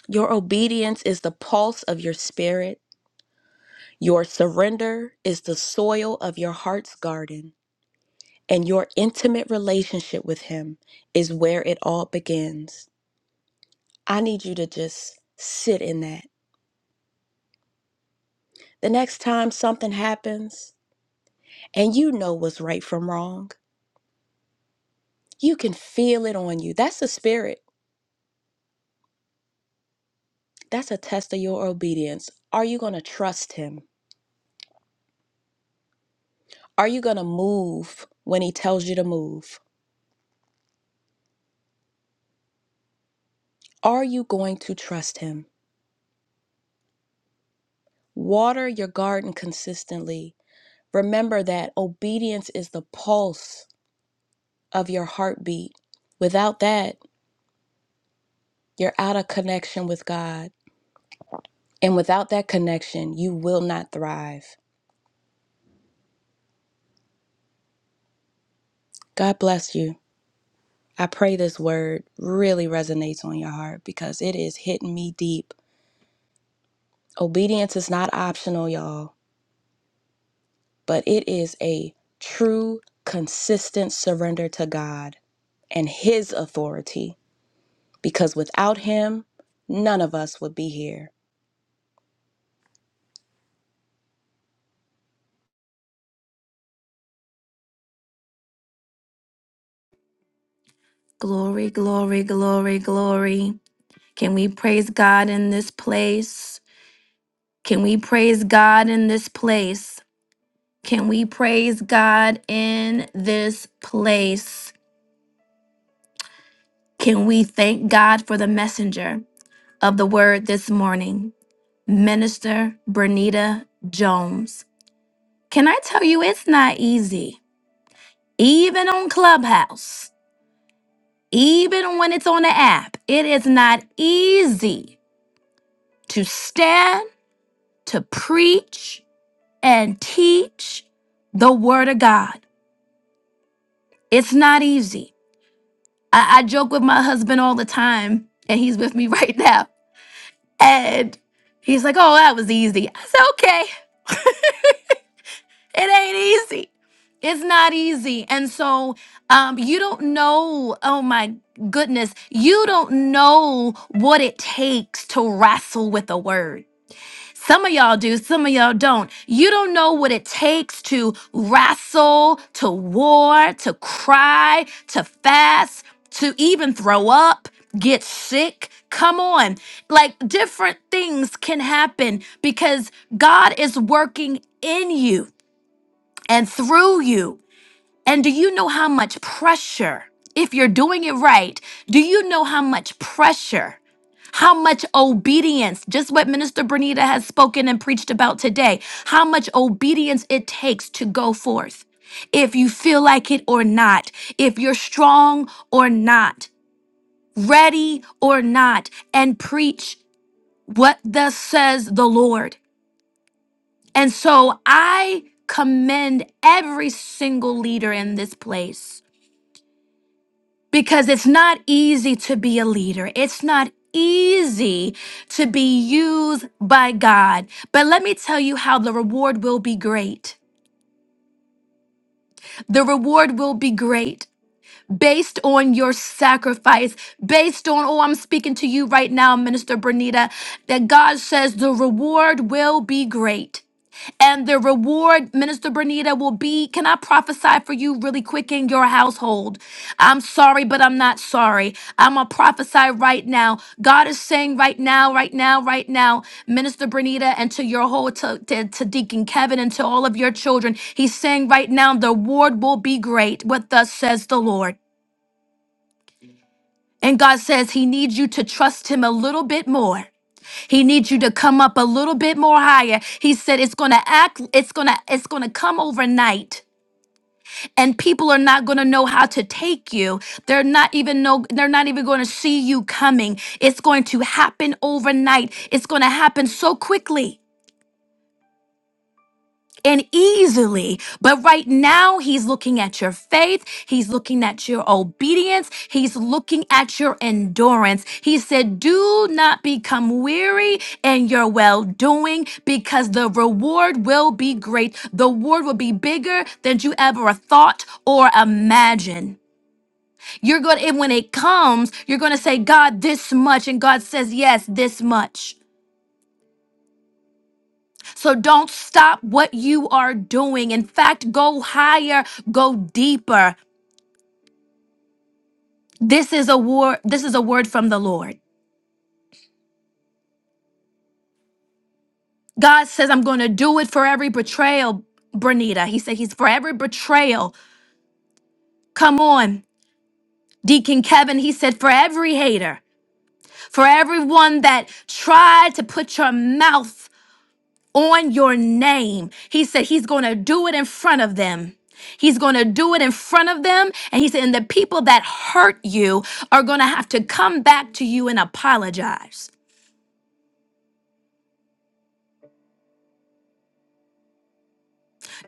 S5: Your obedience is the pulse of your spirit. Your surrender is the soil of your heart's garden, and your intimate relationship with Him is where it all begins. I need you to just sit in that. The next time something happens and you know what's right from wrong, you can feel it on you. That's the spirit. That's a test of your obedience. Are you going to trust Him? Are you going to move when He tells you to move? Are you going to trust Him? Water your garden consistently Remember that obedience is the pulse of your heartbeat. Without that, you're out of connection with God. And without that connection, you will not thrive. God bless you. I pray this word really resonates on your heart because it is hitting me deep. Obedience is not optional, y'all, but it is a true, consistent surrender to God and His authority because without Him, none of us would be here.
S1: Glory, glory, glory, glory. Can we praise God in this place? Can we praise God in this place? Can we praise God in this place? Can we thank God for the messenger of the word this morning, Minister Bernita Jones? Can I tell you, it's not easy, even on Clubhouse, even when it's on the app, it is not easy to stand to preach and teach the word of God. It's not easy. I, I joke with my husband all the time, and he's with me right now. And he's like, Oh, that was easy. I said, Okay, it ain't easy. It's not easy. And so um, you don't know, oh my goodness, you don't know what it takes to wrestle with the word. Some of y'all do, some of y'all don't. You don't know what it takes to wrestle, to war, to cry, to fast, to even throw up, get sick. Come on. Like different things can happen because God is working in you and through you. And do you know how much pressure, if you're doing it right, do you know how much pressure? How much obedience, just what Minister Bernita has spoken and preached about today, how much obedience it takes to go forth. If you feel like it or not, if you're strong or not, ready or not, and preach what thus says the Lord. And so I commend every single leader in this place because it's not easy to be a leader. It's not easy to be used by God. But let me tell you how the reward will be great. The reward will be great based on your sacrifice, based on, oh, I'm speaking to you right now, Minister Bernita, that God says the reward will be great and the reward, Minister Bernita, will be. Can I prophesy for you really quick in your household? I'm sorry, but I'm not sorry. I'm going to prophesy right now. God is saying right now, right now, right now, Minister Bernita, and to your whole, to, to, to Deacon Kevin, and to all of your children, He's saying right now, the reward will be great. What thus says the Lord. And God says He needs you to trust Him a little bit more. He needs you to come up a little bit more higher. He said it's going to act it's going to it's going to come overnight and people are not going to know how to take you. They're not even know they're not even going to see you coming. It's going to happen overnight. It's going to happen so quickly. and easily. But right now, he's looking at your faith. He's looking at your obedience. He's looking at your endurance. He said, Do not become weary in your well doing because the reward will be great. The reward will be bigger than you ever thought or imagined. You're going to, and when it comes, you're going to say, God, this much. And God says, Yes, this much. So don't stop what you are doing. In fact, go higher, go deeper. This is a war, this is a word from the Lord. God says, I'm gonna do it for every betrayal, Bernita. He said, He's for every betrayal. Come on, Deacon Kevin. He said, for every hater, for everyone that tried to put your mouth on your name. He said he's going to do it in front of them. He's going to do it in front of them. And he said, and the people that hurt you are going to have to come back to you and apologize.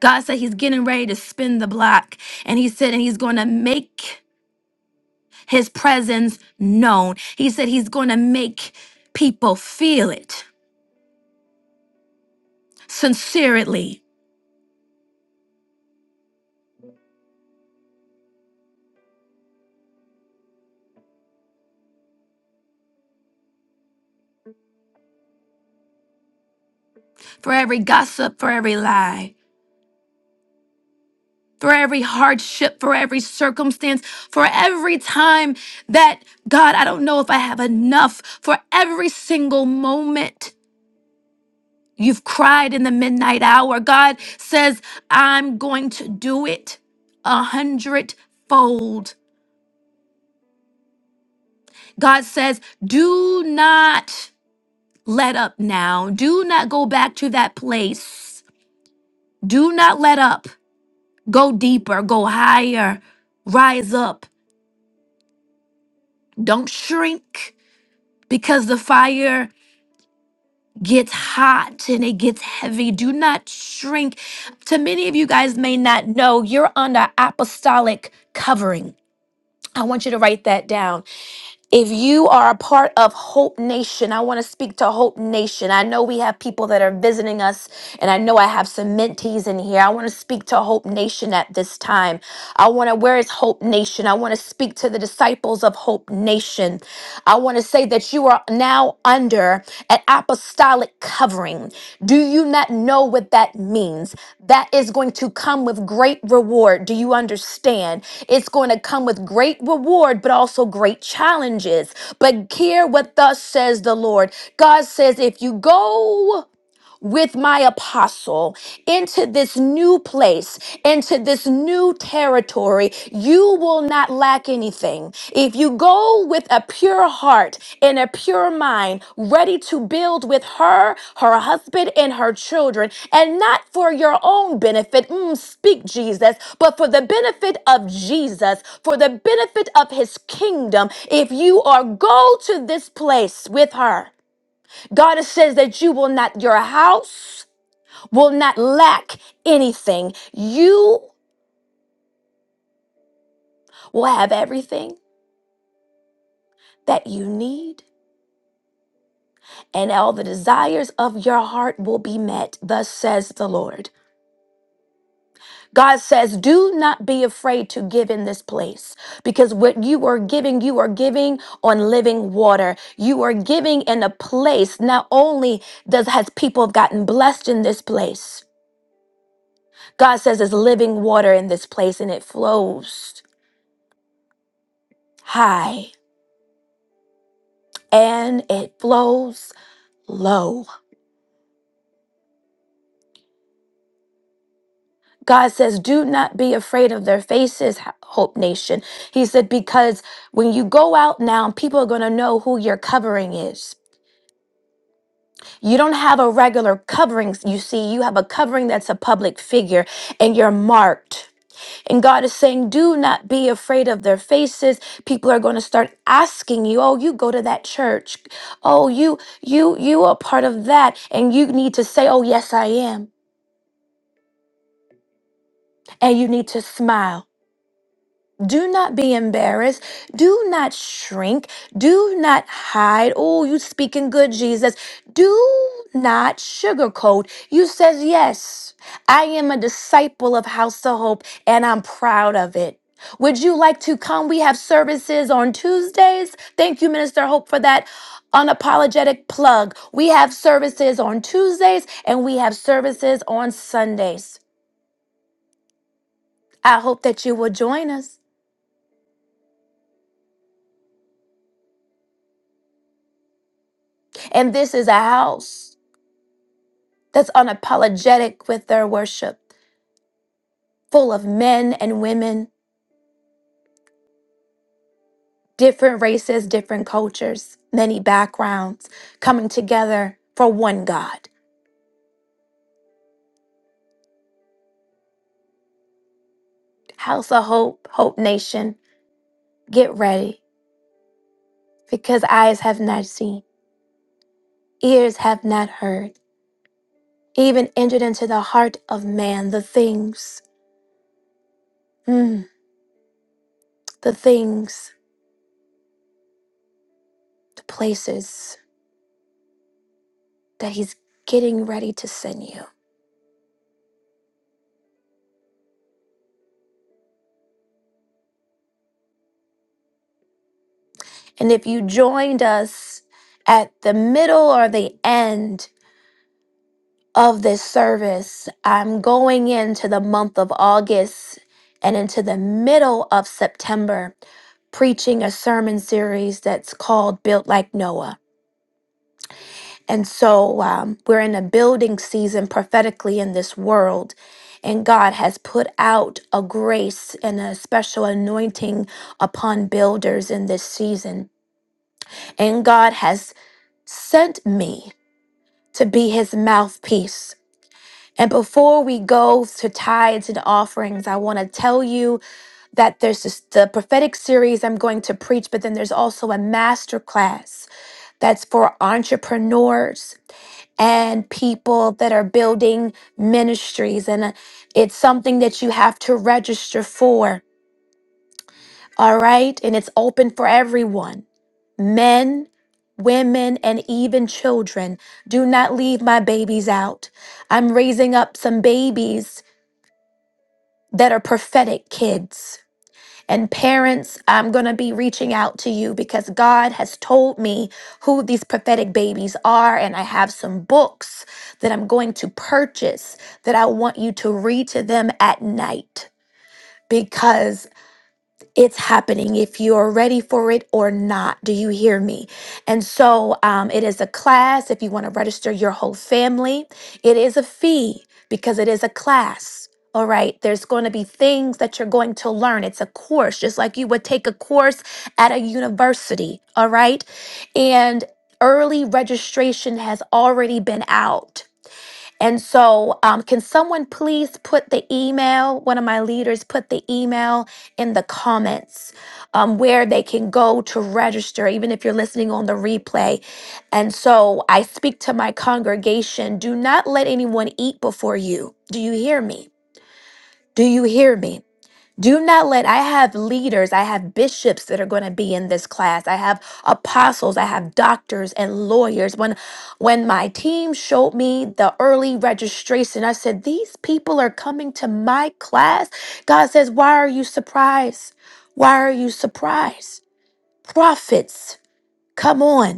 S1: God said he's getting ready to spin the block. And he said, and he's going to make his presence known. He said he's going to make people feel it sincerely for every gossip, for every lie. for every hardship, for every circumstance, for every time that, God, I don't know if I have enough, for every single moment you've cried in the midnight hour. God says, I'm going to do it a hundredfold. God says, do not let up now. Do not go back to that place. Do not let up. Go deeper, go higher, rise up. Don't shrink. because the fire gets hot and it gets heavy. Do not shrink. To many of you guys may not know, you're under apostolic covering. I want you to write that down. If you are a part of Hope Nation, I want to speak to Hope Nation. I know we have people that are visiting us, and I know I have some mentees in here. I want to speak to Hope Nation at this time. I want to, where is Hope Nation? I want to speak to the disciples of Hope Nation. I want to say that you are now under an apostolic covering. Do you not know what that means? that is going to come with great reward. Do you understand? It's going to come with great reward, but also great challenges. But hear what thus says the Lord God says, if you go, with my apostle into this new place, into this new territory, you will not lack anything. If you go with a pure heart and a pure mind, ready to build with her, her husband, and her children, and not for your own benefit, mm, speak Jesus, but for the benefit of Jesus, for the benefit of his kingdom, if you are go to this place with her, God says that you will not, your house, will not lack anything. You will have everything that you need, and all the desires of your heart will be met. Thus says the Lord. God says, Do not be afraid to give in this place because what you are giving, you are giving on living water. You are giving in a place. Not only does has people gotten blessed in this place, God says there's living water in this place and it flows high and it flows low. God says, Do not be afraid of their faces, Hope Nation. He said, Because when you go out now, people are going to know who your covering is. You don't have a regular covering, you see, you have a covering that's a public figure and you're marked. And God is saying, Do not be afraid of their faces. People are going to start asking you, Oh, you go to that church. Oh, you, you, you are part of that. And you need to say, Oh, yes, I am. And you need to smile Do not be embarrassed. Do not shrink. Do not hide. Oh, you speaking good, Jesus. Do not sugarcoat. You says, yes, I am a disciple of House of Hope and I'm proud of it. Would you like to come? We have services on Tuesdays. Thank you, Minister Hope, for that unapologetic plug. We have services on Tuesdays and we have services on Sundays. I hope that you will join us. And this is a house. that's unapologetic with their worship, full of men and women, different races, different cultures, many backgrounds, coming together for one God. House of Hope, Hope Nation, get ready because eyes have not seen, ears have not heard, even entered into the heart of man the things, mm, the things, the places that he's getting ready to send you. And if you joined us at the middle or the end of this service, I'm going into the month of August and into the middle of September preaching a sermon series that's called Built Like Noah. And so um, we're in a building season prophetically in this world. And God has put out a grace and a special anointing upon builders in this season. And God has sent me to be his mouthpiece. And before we go to tithes and offerings, I want to tell you that there's this, the prophetic series I'm going to preach, but then there's also a master class that's for entrepreneurs and people that are building ministries. And uh, it's something that you have to register for all right? And it's open for everyone men, women, and even children. Do not leave my babies out. I'm raising up some babies that are prophetic kids. And parents, I'm going to be reaching out to you because God has told me who these prophetic babies are. And I have some books that I'm going to purchase that I want you to read to them at night because it's happening, if you are ready for it or not. Do you hear me? And so um, it is a class. If you want to register your whole family, it is a fee because it is a class. All right, there's going to be things that you're going to learn. It's a course, just like you would take a course at a university. All right. And early registration has already been out. And so, um, can someone please put the email, one of my leaders, put the email in the comments um, where they can go to register, even if you're listening on the replay. And so, I speak to my congregation do not let anyone eat before you. Do you hear me? Do you hear me? Do not let, I have leaders, I have bishops that are going to be in this class. I have apostles, I have doctors and lawyers. When when my team showed me the early registration, I said, "These people are coming to my class." God says, "Why are you surprised? Why are you surprised?" Prophets, come on.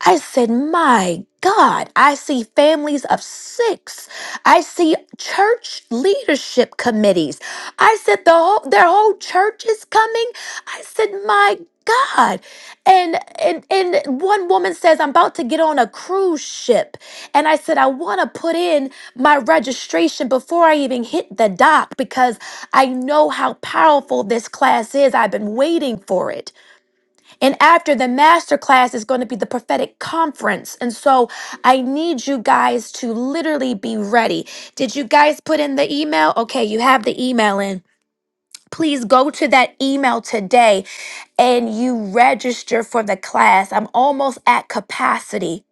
S1: I said, My God, I see families of six. I see church leadership committees. I said, the whole, Their whole church is coming. I said, My God. And, and and one woman says, I'm about to get on a cruise ship. And I said, I want to put in my registration before I even hit the dock because I know how powerful this class is. I've been waiting for it. And after the master class is going to be the prophetic conference. And so I need you guys to literally be ready. Did you guys put in the email? Okay, you have the email in. Please go to that email today and you register for the class. I'm almost at capacity.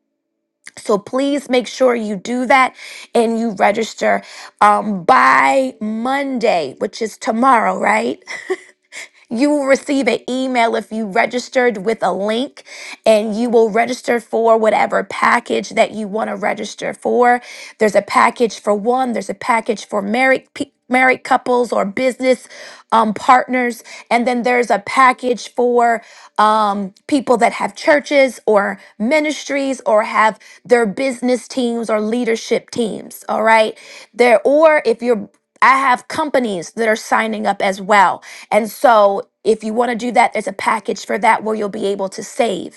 S1: So please make sure you do that and you register um, by Monday, which is tomorrow, right? You will receive an email if you registered with a link, and you will register for whatever package that you want to register for. There's a package for one, there's a package for married pe- married couples or business um, partners, and then there's a package for um, people that have churches or ministries or have their business teams or leadership teams. All right, there or if you're I have companies that are signing up as well. And so, if you want to do that, there's a package for that where you'll be able to save.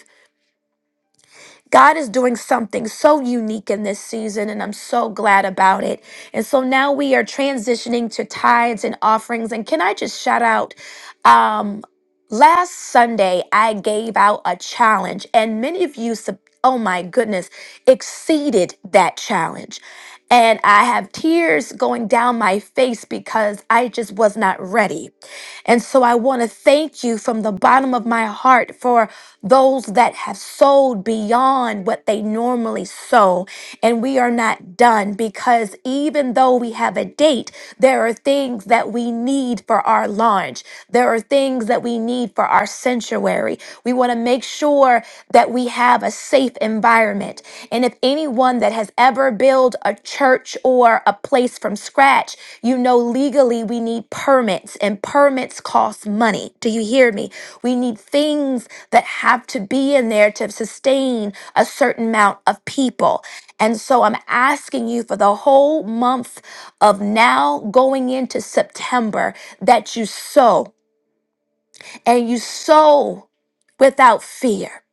S1: God is doing something so unique in this season, and I'm so glad about it. And so now we are transitioning to tithes and offerings. And can I just shout out? Um, last Sunday, I gave out a challenge, and many of you, sub- oh my goodness, exceeded that challenge. And I have tears going down my face because I just was not ready. And so I want to thank you from the bottom of my heart for those that have sowed beyond what they normally sow. And we are not done because even though we have a date, there are things that we need for our launch. There are things that we need for our sanctuary. We want to make sure that we have a safe environment. And if anyone that has ever built a church or a place from scratch, you know legally we need permits, and permits cost money. Do you hear me? We need things that have to be in there to sustain a certain amount of people. And so I'm asking you for the whole month of now going into September that you sow and you sow without fear.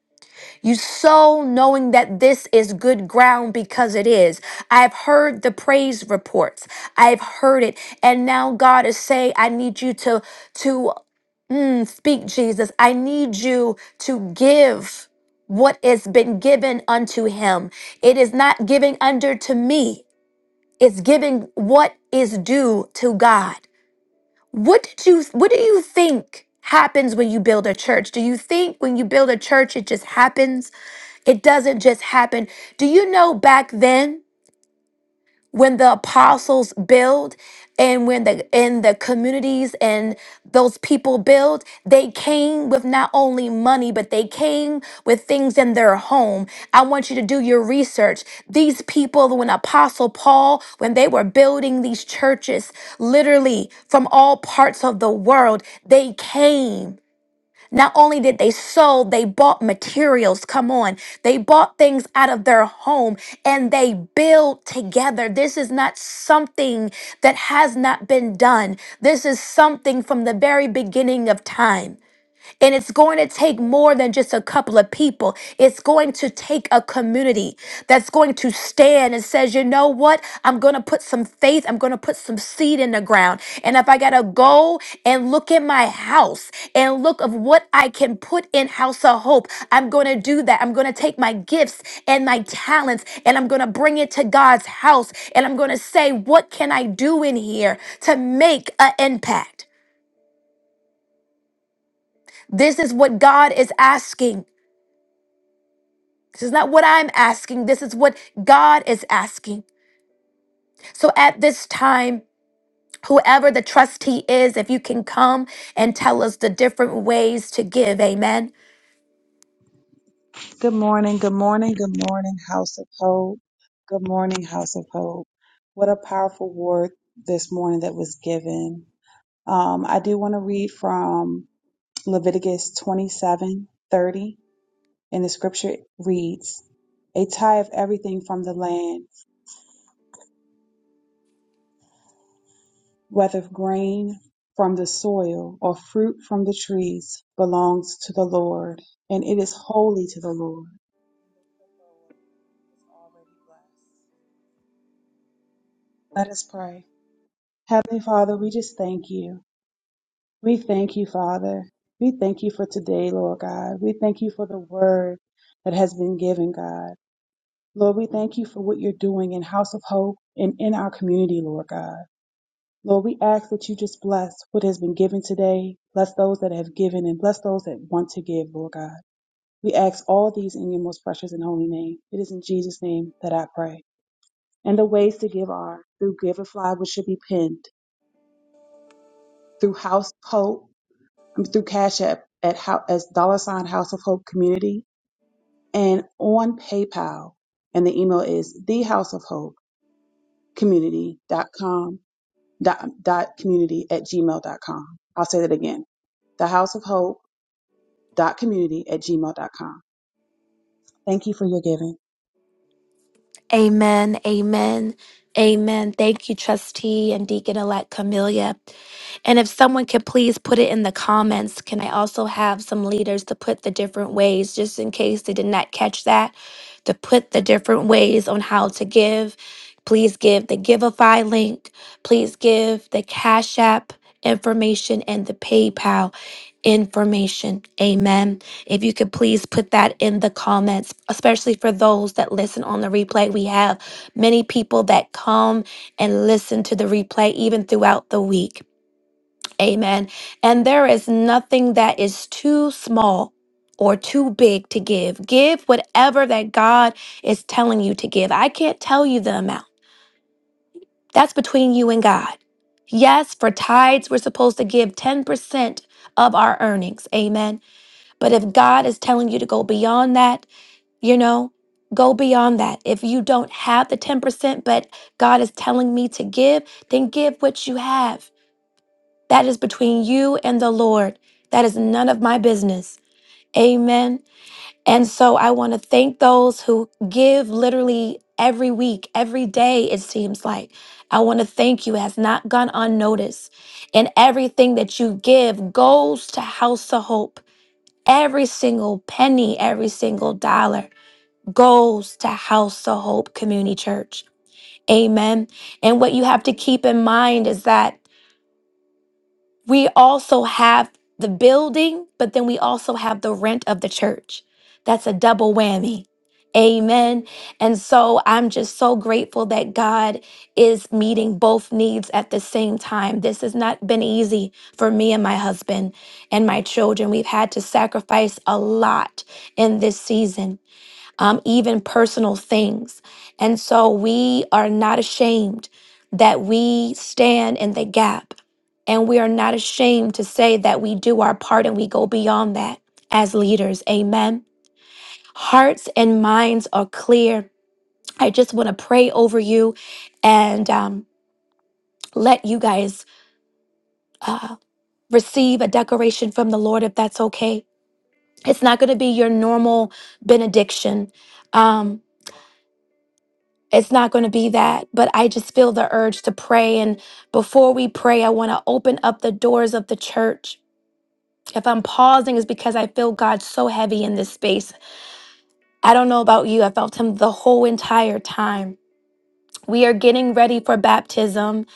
S1: You sow knowing that this is good ground because it is. I've heard the praise reports. I've heard it. And now God is saying, I need you to to mm, speak, Jesus. I need you to give what has been given unto him. It is not giving under to me. It's giving what is due to God. What did you what do you think happens when you build a church? Do you think when you build a church it just happens? It doesn't just happen. Do you know back then when the apostles build and when the in the communities and those people build they came with not only money but they came with things in their home i want you to do your research these people when apostle paul when they were building these churches literally from all parts of the world they came not only did they sow, they bought materials. Come on. They bought things out of their home and they build together. This is not something that has not been done. This is something from the very beginning of time. And it's going to take more than just a couple of people. It's going to take a community that's going to stand and says, you know what? I'm going to put some faith. I'm going to put some seed in the ground. And if I got to go and look at my house and look of what I can put in House of Hope, I'm going to do that. I'm going to take my gifts and my talents and I'm going to bring it to God's house. And I'm going to say, what can I do in here to make an impact? This is what God is asking. This is not what I'm asking. This is what God is asking. So at this time, whoever the trustee is, if you can come and tell us the different ways to give, amen.
S6: Good morning, good morning, good morning, House of Hope. Good morning, House of Hope. What a powerful word this morning that was given. Um, I do want to read from Leviticus twenty-seven thirty, and the scripture reads A tie of everything from the land, whether grain from the soil or fruit from the trees, belongs to the Lord, and it is holy to the Lord. Let us pray. Heavenly Father, we just thank you. We thank you, Father. We thank you for today, Lord God. We thank you for the word that has been given, God. Lord, we thank you for what you're doing in House of Hope and in our community, Lord God. Lord, we ask that you just bless what has been given today. Bless those that have given and bless those that want to give, Lord God. We ask all these in your most precious and holy name. It is in Jesus' name that I pray. And the ways to give are through Giverfly, which should be pinned, through House of Hope um, through Cash App at how, as dollar sign House of Hope Community and on PayPal. And the email is thehouseofhopecommunity.com dot, com dot dot community at gmail dot com. I'll say that again. the house of hope dot community at gmail dot com. Thank you for your giving.
S1: Amen. Amen. Amen. Thank you, trustee and deacon elect Camelia. And if someone could please put it in the comments, can I also have some leaders to put the different ways, just in case they did not catch that, to put the different ways on how to give. Please give the Giveify link. Please give the Cash App information and the PayPal information. Amen. If you could please put that in the comments, especially for those that listen on the replay. We have many people that come and listen to the replay even throughout the week. Amen. And there is nothing that is too small or too big to give. Give whatever that God is telling you to give. I can't tell you the amount, that's between you and God. Yes, for tithes, we're supposed to give 10% of our earnings. Amen. But if God is telling you to go beyond that, you know go beyond that if you don't have the 10% but god is telling me to give then give what you have that is between you and the lord that is none of my business amen and so i want to thank those who give literally every week every day it seems like i want to thank you It has not gone unnoticed and everything that you give goes to house of hope every single penny every single dollar goes to House of Hope Community Church. Amen. And what you have to keep in mind is that we also have the building, but then we also have the rent of the church. That's a double whammy. Amen. And so I'm just so grateful that God is meeting both needs at the same time. This has not been easy for me and my husband and my children. We've had to sacrifice a lot in this season um, even personal things. And so we are not ashamed that we stand in the gap. And we are not ashamed to say that we do our part and we go beyond that as leaders. Amen. Hearts and minds are clear. I just want to pray over you and um, let you guys uh, receive a decoration from the Lord if that's okay. It's not going to be your normal benediction. Um, It's not going to be that, but I just feel the urge to pray. And before we pray, I want to open up the doors of the church. If I'm pausing, it's because I feel God so heavy in this space. I don't know about you, I felt Him the whole entire time. We are getting ready for baptism,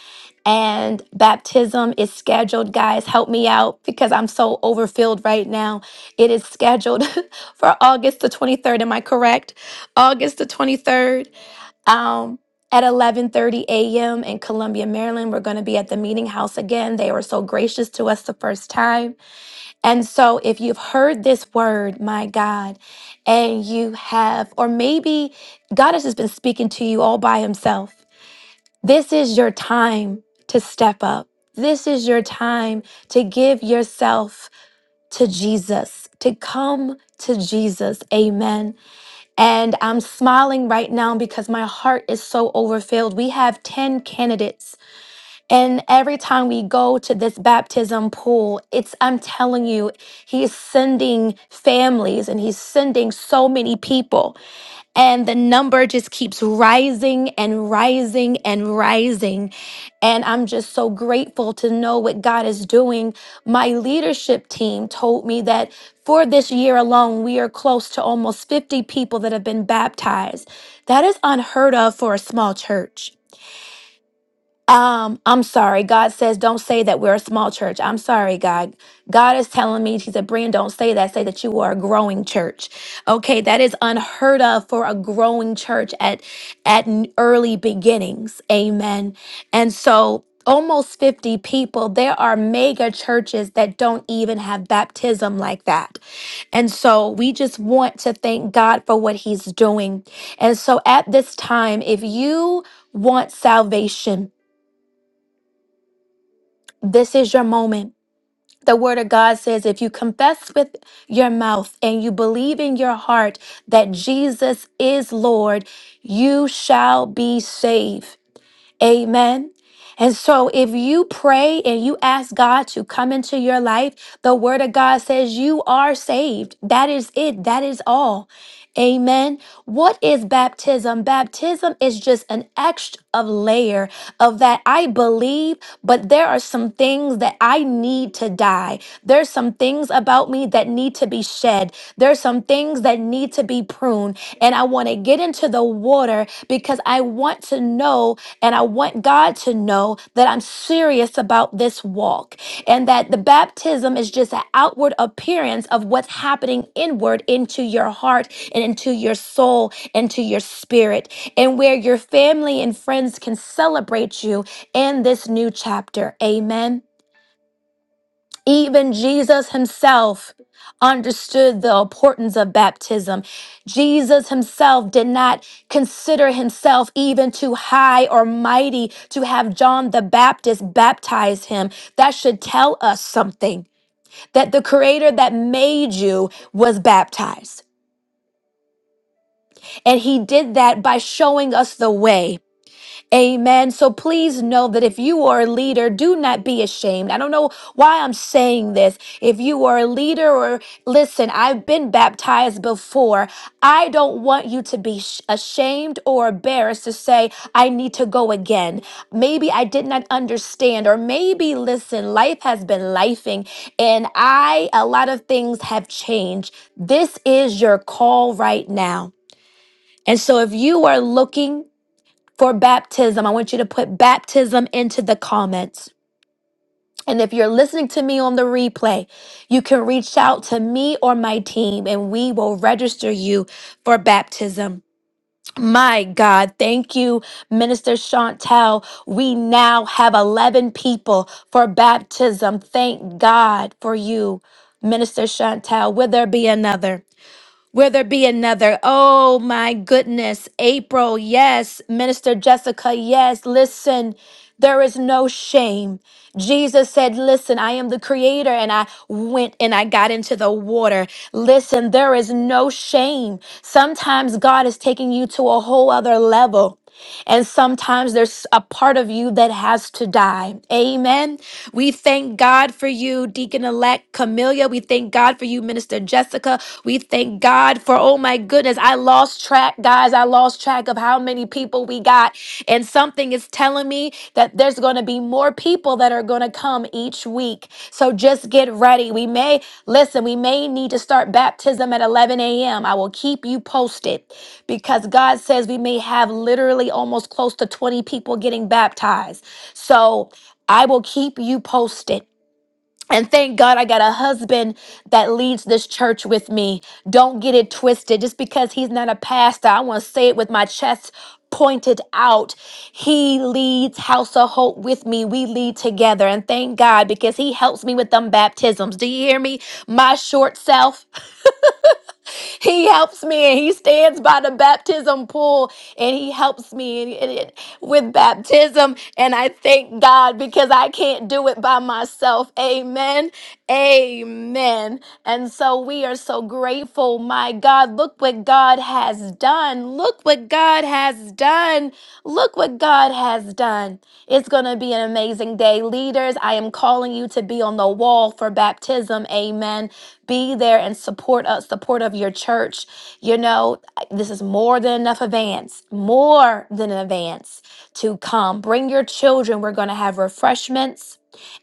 S1: and baptism is scheduled. Guys, help me out because I'm so overfilled right now. It is scheduled for August the 23rd. Am I correct? August the 23rd um, at 11:30 a.m. in Columbia, Maryland. We're going to be at the meeting house again. They were so gracious to us the first time. And so if you've heard this word, my God, and you have or maybe God has just been speaking to you all by himself. This is your time to step up. This is your time to give yourself to Jesus, to come to Jesus. Amen. And I'm smiling right now because my heart is so overfilled. We have 10 candidates. And every time we go to this baptism pool, it's, I'm telling you, he's sending families and he's sending so many people. And the number just keeps rising and rising and rising. And I'm just so grateful to know what God is doing. My leadership team told me that for this year alone, we are close to almost 50 people that have been baptized. That is unheard of for a small church. Um, I'm sorry. God says, don't say that we're a small church. I'm sorry, God. God is telling me, He said, Brian, don't say that. Say that you are a growing church. Okay, that is unheard of for a growing church at at n- early beginnings. Amen. And so almost 50 people there are mega churches that don't even have baptism like that and so we just want to thank god for what he's doing and so at this time if you want salvation this is your moment. The word of God says, if you confess with your mouth and you believe in your heart that Jesus is Lord, you shall be saved. Amen. And so, if you pray and you ask God to come into your life, the word of God says you are saved. That is it. That is all. Amen. What is baptism? Baptism is just an extra of layer of that I believe, but there are some things that I need to die. There's some things about me that need to be shed. There's some things that need to be pruned. And I want to get in into the water because I want to know and I want God to know that I'm serious about this walk and that the baptism is just an outward appearance of what's happening inward into your heart and into your soul and to your spirit and where your family and friends can celebrate you in this new chapter. Amen. Even Jesus himself understood the importance of baptism. Jesus himself did not consider himself even too high or mighty to have John the Baptist baptize him. That should tell us something that the creator that made you was baptized. And he did that by showing us the way. Amen. So please know that if you are a leader, do not be ashamed. I don't know why I'm saying this. If you are a leader or listen, I've been baptized before. I don't want you to be sh- ashamed or embarrassed to say, I need to go again. Maybe I did not understand, or maybe listen, life has been lifing and I, a lot of things have changed. This is your call right now. And so if you are looking for baptism. I want you to put baptism into the comments. And if you're listening to me on the replay, you can reach out to me or my team and we will register you for baptism. My God, thank you, Minister Chantel. We now have 11 people for baptism. Thank God for you, Minister Chantel. Will there be another? Will there be another? Oh my goodness. April, yes. Minister Jessica, yes. Listen, there is no shame. Jesus said, Listen, I am the creator, and I went and I got into the water. Listen, there is no shame. Sometimes God is taking you to a whole other level. And sometimes there's a part of you that has to die. Amen. We thank God for you, Deacon elect Camelia. We thank God for you, Minister Jessica. We thank God for, oh my goodness, I lost track, guys. I lost track of how many people we got. And something is telling me that there's going to be more people that are going to come each week. So just get ready. We may, listen, we may need to start baptism at 11 a.m. I will keep you posted because God says we may have literally almost close to 20 people getting baptized. So, I will keep you posted. And thank God I got a husband that leads this church with me. Don't get it twisted. Just because he's not a pastor, I want to say it with my chest pointed out. He leads House of Hope with me. We lead together. And thank God because he helps me with them baptisms. Do you hear me? My short self. He helps me and he stands by the baptism pool and he helps me and- and it- with baptism. And I thank God because I can't do it by myself. Amen. Amen. And so we are so grateful. My God, look what God has done. Look what God has done. Look what God has done. It's going to be an amazing day. Leaders, I am calling you to be on the wall for baptism. Amen. Be there and support us, support of your church. You know, this is more than enough advance, more than an advance to come. Bring your children. We're going to have refreshments.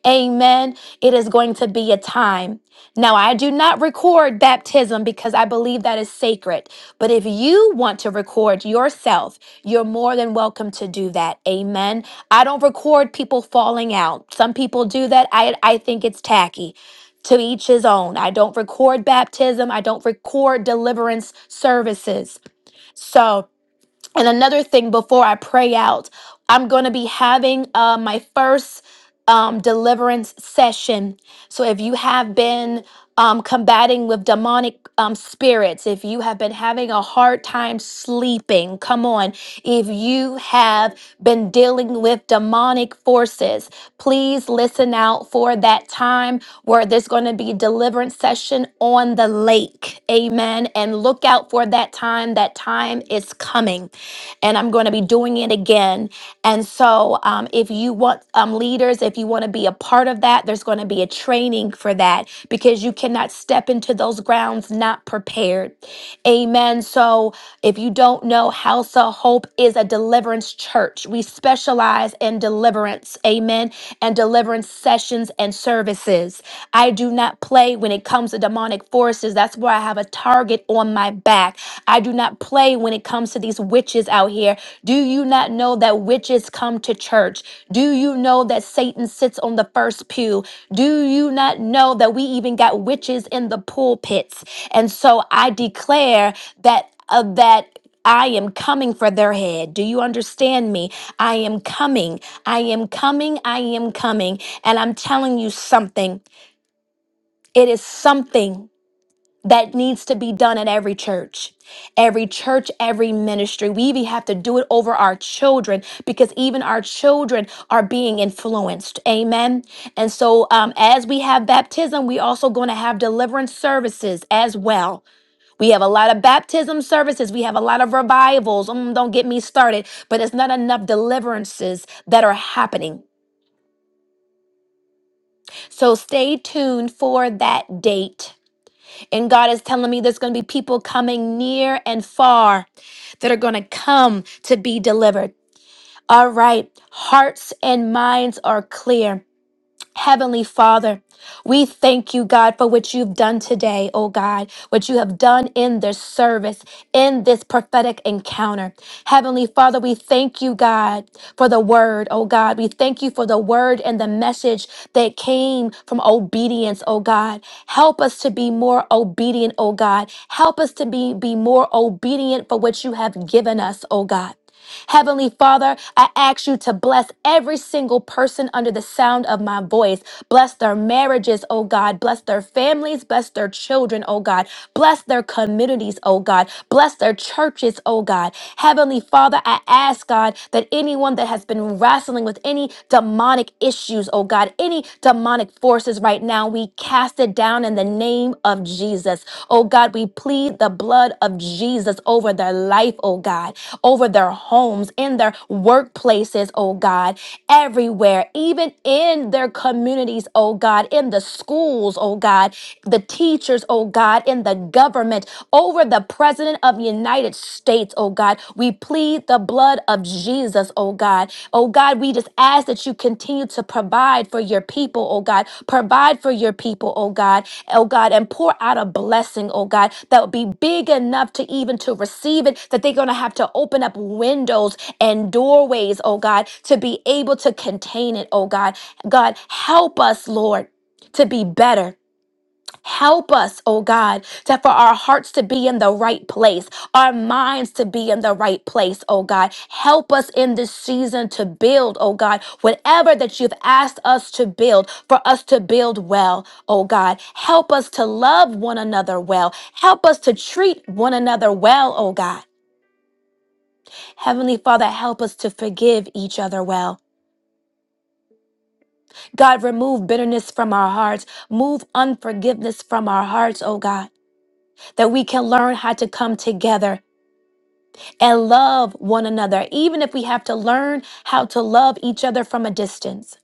S1: Amen. It is going to be a time. Now, I do not record baptism because I believe that is sacred. But if you want to record yourself, you're more than welcome to do that. Amen. I don't record people falling out. Some people do that. I, I think it's tacky. To each his own. I don't record baptism. I don't record deliverance services. So, and another thing before I pray out, I'm going to be having uh, my first um, deliverance session. So if you have been um, combating with demonic um, spirits, if you have been having a hard time sleeping, come on. If you have been dealing with demonic forces, please listen out for that time where there's going to be deliverance session on the lake. Amen. And look out for that time. That time is coming and I'm going to be doing it again. And so, um, if you want um, leaders, if you want to be a part of that, there's going to be a training for that because you cannot step into those grounds not prepared. Amen. So, if you don't know, House of Hope is a deliverance church. We specialize in deliverance. Amen. And deliverance sessions and services. I do not play when it comes to demonic forces. That's where I have a target on my back. I do not play when it comes to these witches out here. Do you not know that witches come to church? Do you know that Satan sits on the first pew? Do you not know that we even got witches in the pulpits? And so I declare that uh, that I am coming for their head. Do you understand me? I am coming. I am coming. I am coming. And I'm telling you something. It is something that needs to be done at every church, every church, every ministry. We even have to do it over our children because even our children are being influenced. Amen. And so, um, as we have baptism, we also going to have deliverance services as well. We have a lot of baptism services. We have a lot of revivals. Mm, don't get me started, but it's not enough deliverances that are happening. So stay tuned for that date. And God is telling me there's going to be people coming near and far that are going to come to be delivered. All right, hearts and minds are clear. Heavenly Father, we thank you, God, for what you've done today, oh God, what you have done in this service, in this prophetic encounter. Heavenly Father, we thank you, God, for the word, oh God. We thank you for the word and the message that came from obedience, oh God. Help us to be more obedient, oh God. Help us to be, be more obedient for what you have given us, oh God. Heavenly Father, I ask you to bless every single person under the sound of my voice. Bless their marriages, oh God. Bless their families. Bless their children, oh God. Bless their communities, oh God. Bless their churches, oh God. Heavenly Father, I ask, God, that anyone that has been wrestling with any demonic issues, oh God, any demonic forces right right now. We cast it down in the name of Jesus. Oh God, we plead the blood of Jesus over their life, oh God, over their homes, in their workplaces, oh God, everywhere, even in their communities, oh God, in the schools, oh God, the teachers, oh God, in the government, over the president of the United states, oh God. We plead the blood of Jesus, oh God. Oh God, we just ask that you continue to provide for your people, oh God. Provide for your people, oh God. Oh God, and pour out a blessing, oh God, that would be big enough to even to receive it, that they're gonna have to open up windows and doorways, oh God, to be able to contain it, oh God. God, help us, Lord, to be better. Help us, oh God, to for our hearts to be in the right place, our minds to be in the right place, oh God. Help us in this season to build, oh God, whatever that you've asked us to build, for us to build well, oh God. Help us to love one another well. Help us to treat one another well, oh God. Heavenly Father, help us to forgive each other well. God, remove bitterness from our hearts, move unforgiveness from our hearts, oh God. that we can learn how to come together and love one another, even if we have to learn how to love each other from a distance.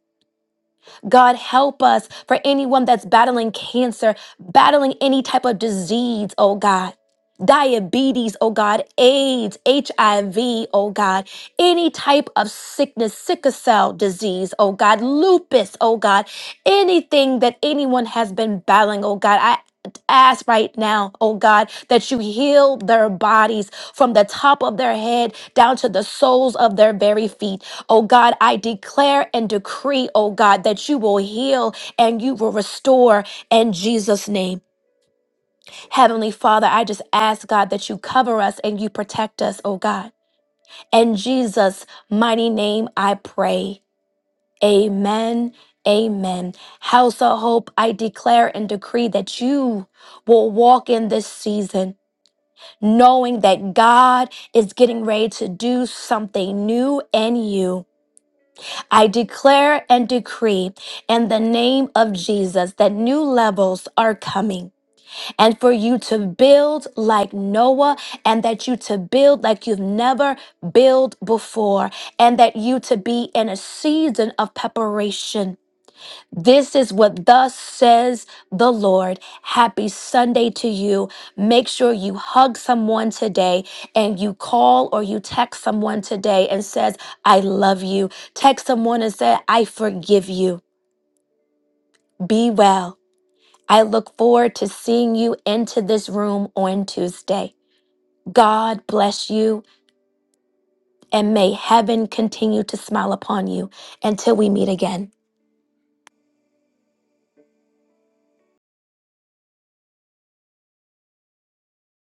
S1: God, help us for anyone that's battling cancer, battling any type of disease, oh God. Diabetes, oh God, AIDS, HIV, oh God, any type of sickness, sickle cell disease, oh God, lupus, oh God, anything that anyone has been battling, oh God, I ask right now, oh God, that you heal their bodies from the top of their head down to the soles of their very feet. Oh God, I declare and decree, oh God, that you will heal and you will restore in Jesus' name. Heavenly Father, I just ask, God, that you cover us and you protect us, oh God. In Jesus' mighty name, I pray. Amen. Amen. House of Hope, I declare and decree that you will walk in this season, knowing that God is getting ready to do something new in you. I declare and decree in the name of Jesus that new levels are coming and for you to build like Noah and that you to build like you've never built before and that you to be in a season of preparation this is what thus says the Lord. Happy Sunday to you. Make sure you hug someone today and you call or you text someone today and says, I love you. Text someone and say, I forgive you. Be well. I look forward to seeing you into this room on Tuesday. God bless you and may heaven continue to smile upon you until we meet again.